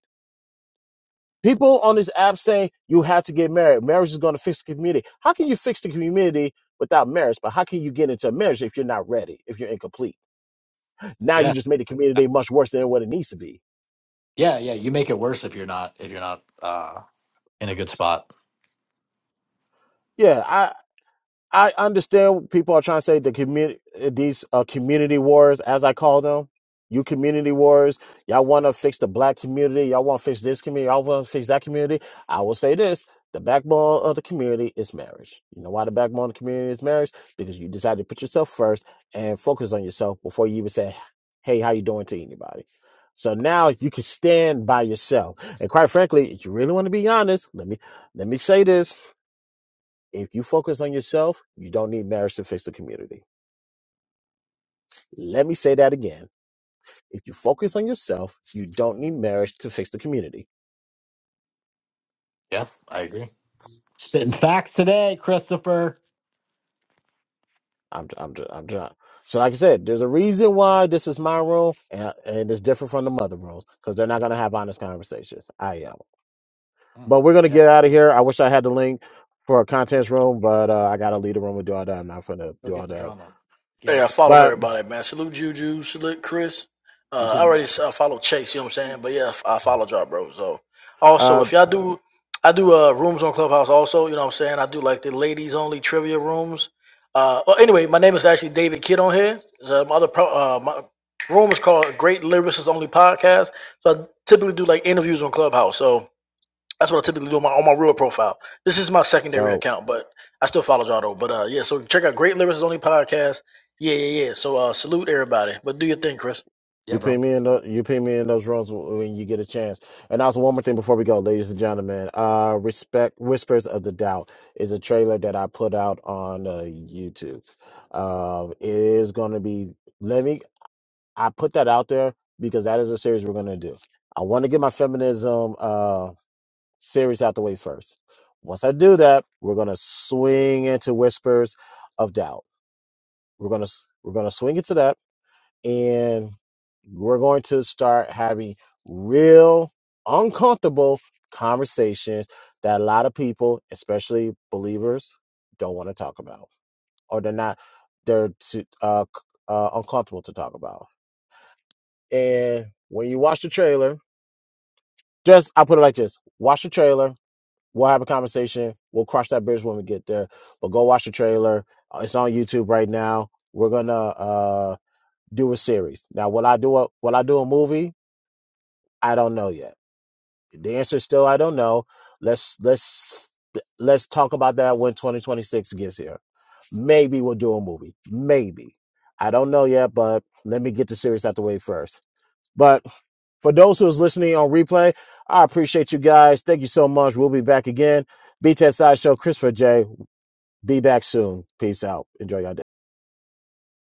Speaker 1: People on this app say you have to get married. Marriage is going to fix the community. How can you fix the community without marriage? But how can you get into a marriage if you're not ready, if you're incomplete? Now you
Speaker 4: Yeah.
Speaker 1: just made the community much worse than what it needs to be.
Speaker 4: Yeah, yeah. You make it worse if you're not if you're not uh in a good spot.
Speaker 1: Yeah, I, I understand people are trying to say the community, these uh, community wars, as I call them, you community wars. Y'all want to fix the black community. Y'all want to fix this community. Y'all want to fix that community. I will say this: the backbone of the community is marriage. You know why the backbone of the community is marriage? Because you decide to put yourself first and focus on yourself before you even say, "Hey, how you doing?" to anybody. So now you can stand by yourself. And quite frankly, if you really want to be honest, let me let me say this. If you focus on yourself, you don't need marriage to fix the community. Let me say that again. If you focus on yourself, you don't need marriage to fix the community.
Speaker 4: Yeah, I agree. Spitting facts today, Christopher.
Speaker 1: I'm, I'm, I'm done. So, like I said, there's a reason why this is my room and, and it's different from the mother rooms because they're not going to have honest conversations. I am.
Speaker 4: Mm,
Speaker 1: But we're going to
Speaker 4: yeah.
Speaker 1: get out of here. I wish I had the link for a contents room, but uh, I got to leave the room and do all that. I'm not going to
Speaker 4: Go
Speaker 1: do
Speaker 4: get
Speaker 1: all
Speaker 4: the
Speaker 1: that.
Speaker 4: drama. Yeah,
Speaker 5: Hey,
Speaker 4: let's
Speaker 5: I
Speaker 4: go.
Speaker 5: followed
Speaker 1: But
Speaker 5: everybody, man. Salute Juju, salute Chris.
Speaker 4: You
Speaker 5: Uh, I
Speaker 4: too.
Speaker 5: already s- I followed Chase, you know what I'm saying? But yeah, I followed y'all, bro. So also,
Speaker 1: uh,
Speaker 5: if y'all do, I do uh rooms on Clubhouse also, you know what I'm saying? I do like the ladies only trivia rooms. Uh, well, anyway, my name is actually David Kidd on here. So my other pro, uh, my room is called Great Lyricists Only Podcast. So I typically do like interviews on Clubhouse. So that's what I typically do on my, on my real profile. This is my secondary
Speaker 1: so
Speaker 5: account, but I still follow y'all though. But uh, yeah, so check out Great Lyrics Only podcast. Yeah, yeah, yeah. So uh, salute everybody, but do your thing, Chris.
Speaker 4: Yeah,
Speaker 1: You put
Speaker 4: bro.
Speaker 1: me in the, you put me in those roles when you get a chance. And also one more thing before we go, ladies and gentlemen, uh, respect whispers of the doubt is a trailer that I put out on uh, YouTube. Um, it is going to be. Let me. I put that out there because that is a series we're going to do. I want to get my feminism uh series out the way first. Once I do that, we're going to swing into whispers of doubt. We're gonna s- we're gonna swing into that and we're going to start having real uncomfortable conversations that a lot of people especially believers don't want to talk about or they're not they're too, uh, c- uh, uncomfortable to talk about and when you watch the trailer just i'll put it like this watch the trailer we'll have a conversation we'll cross that bridge when we get there but go watch the trailer Uh, it's on youtube right now we're gonna uh, do a series now will i do a will i do a movie I don't know yet. The answer is still I don't know. Let's let's let's talk about that when 2026 gets here. Maybe we'll do a movie. Maybe. I don't know yet, but let me get the series out the way first. But for those who's listening on replay, I appreciate you guys. Thank you so much. We'll be back again. BTS Sideshow, Christopher J. Be back soon. Peace out. Enjoy your day.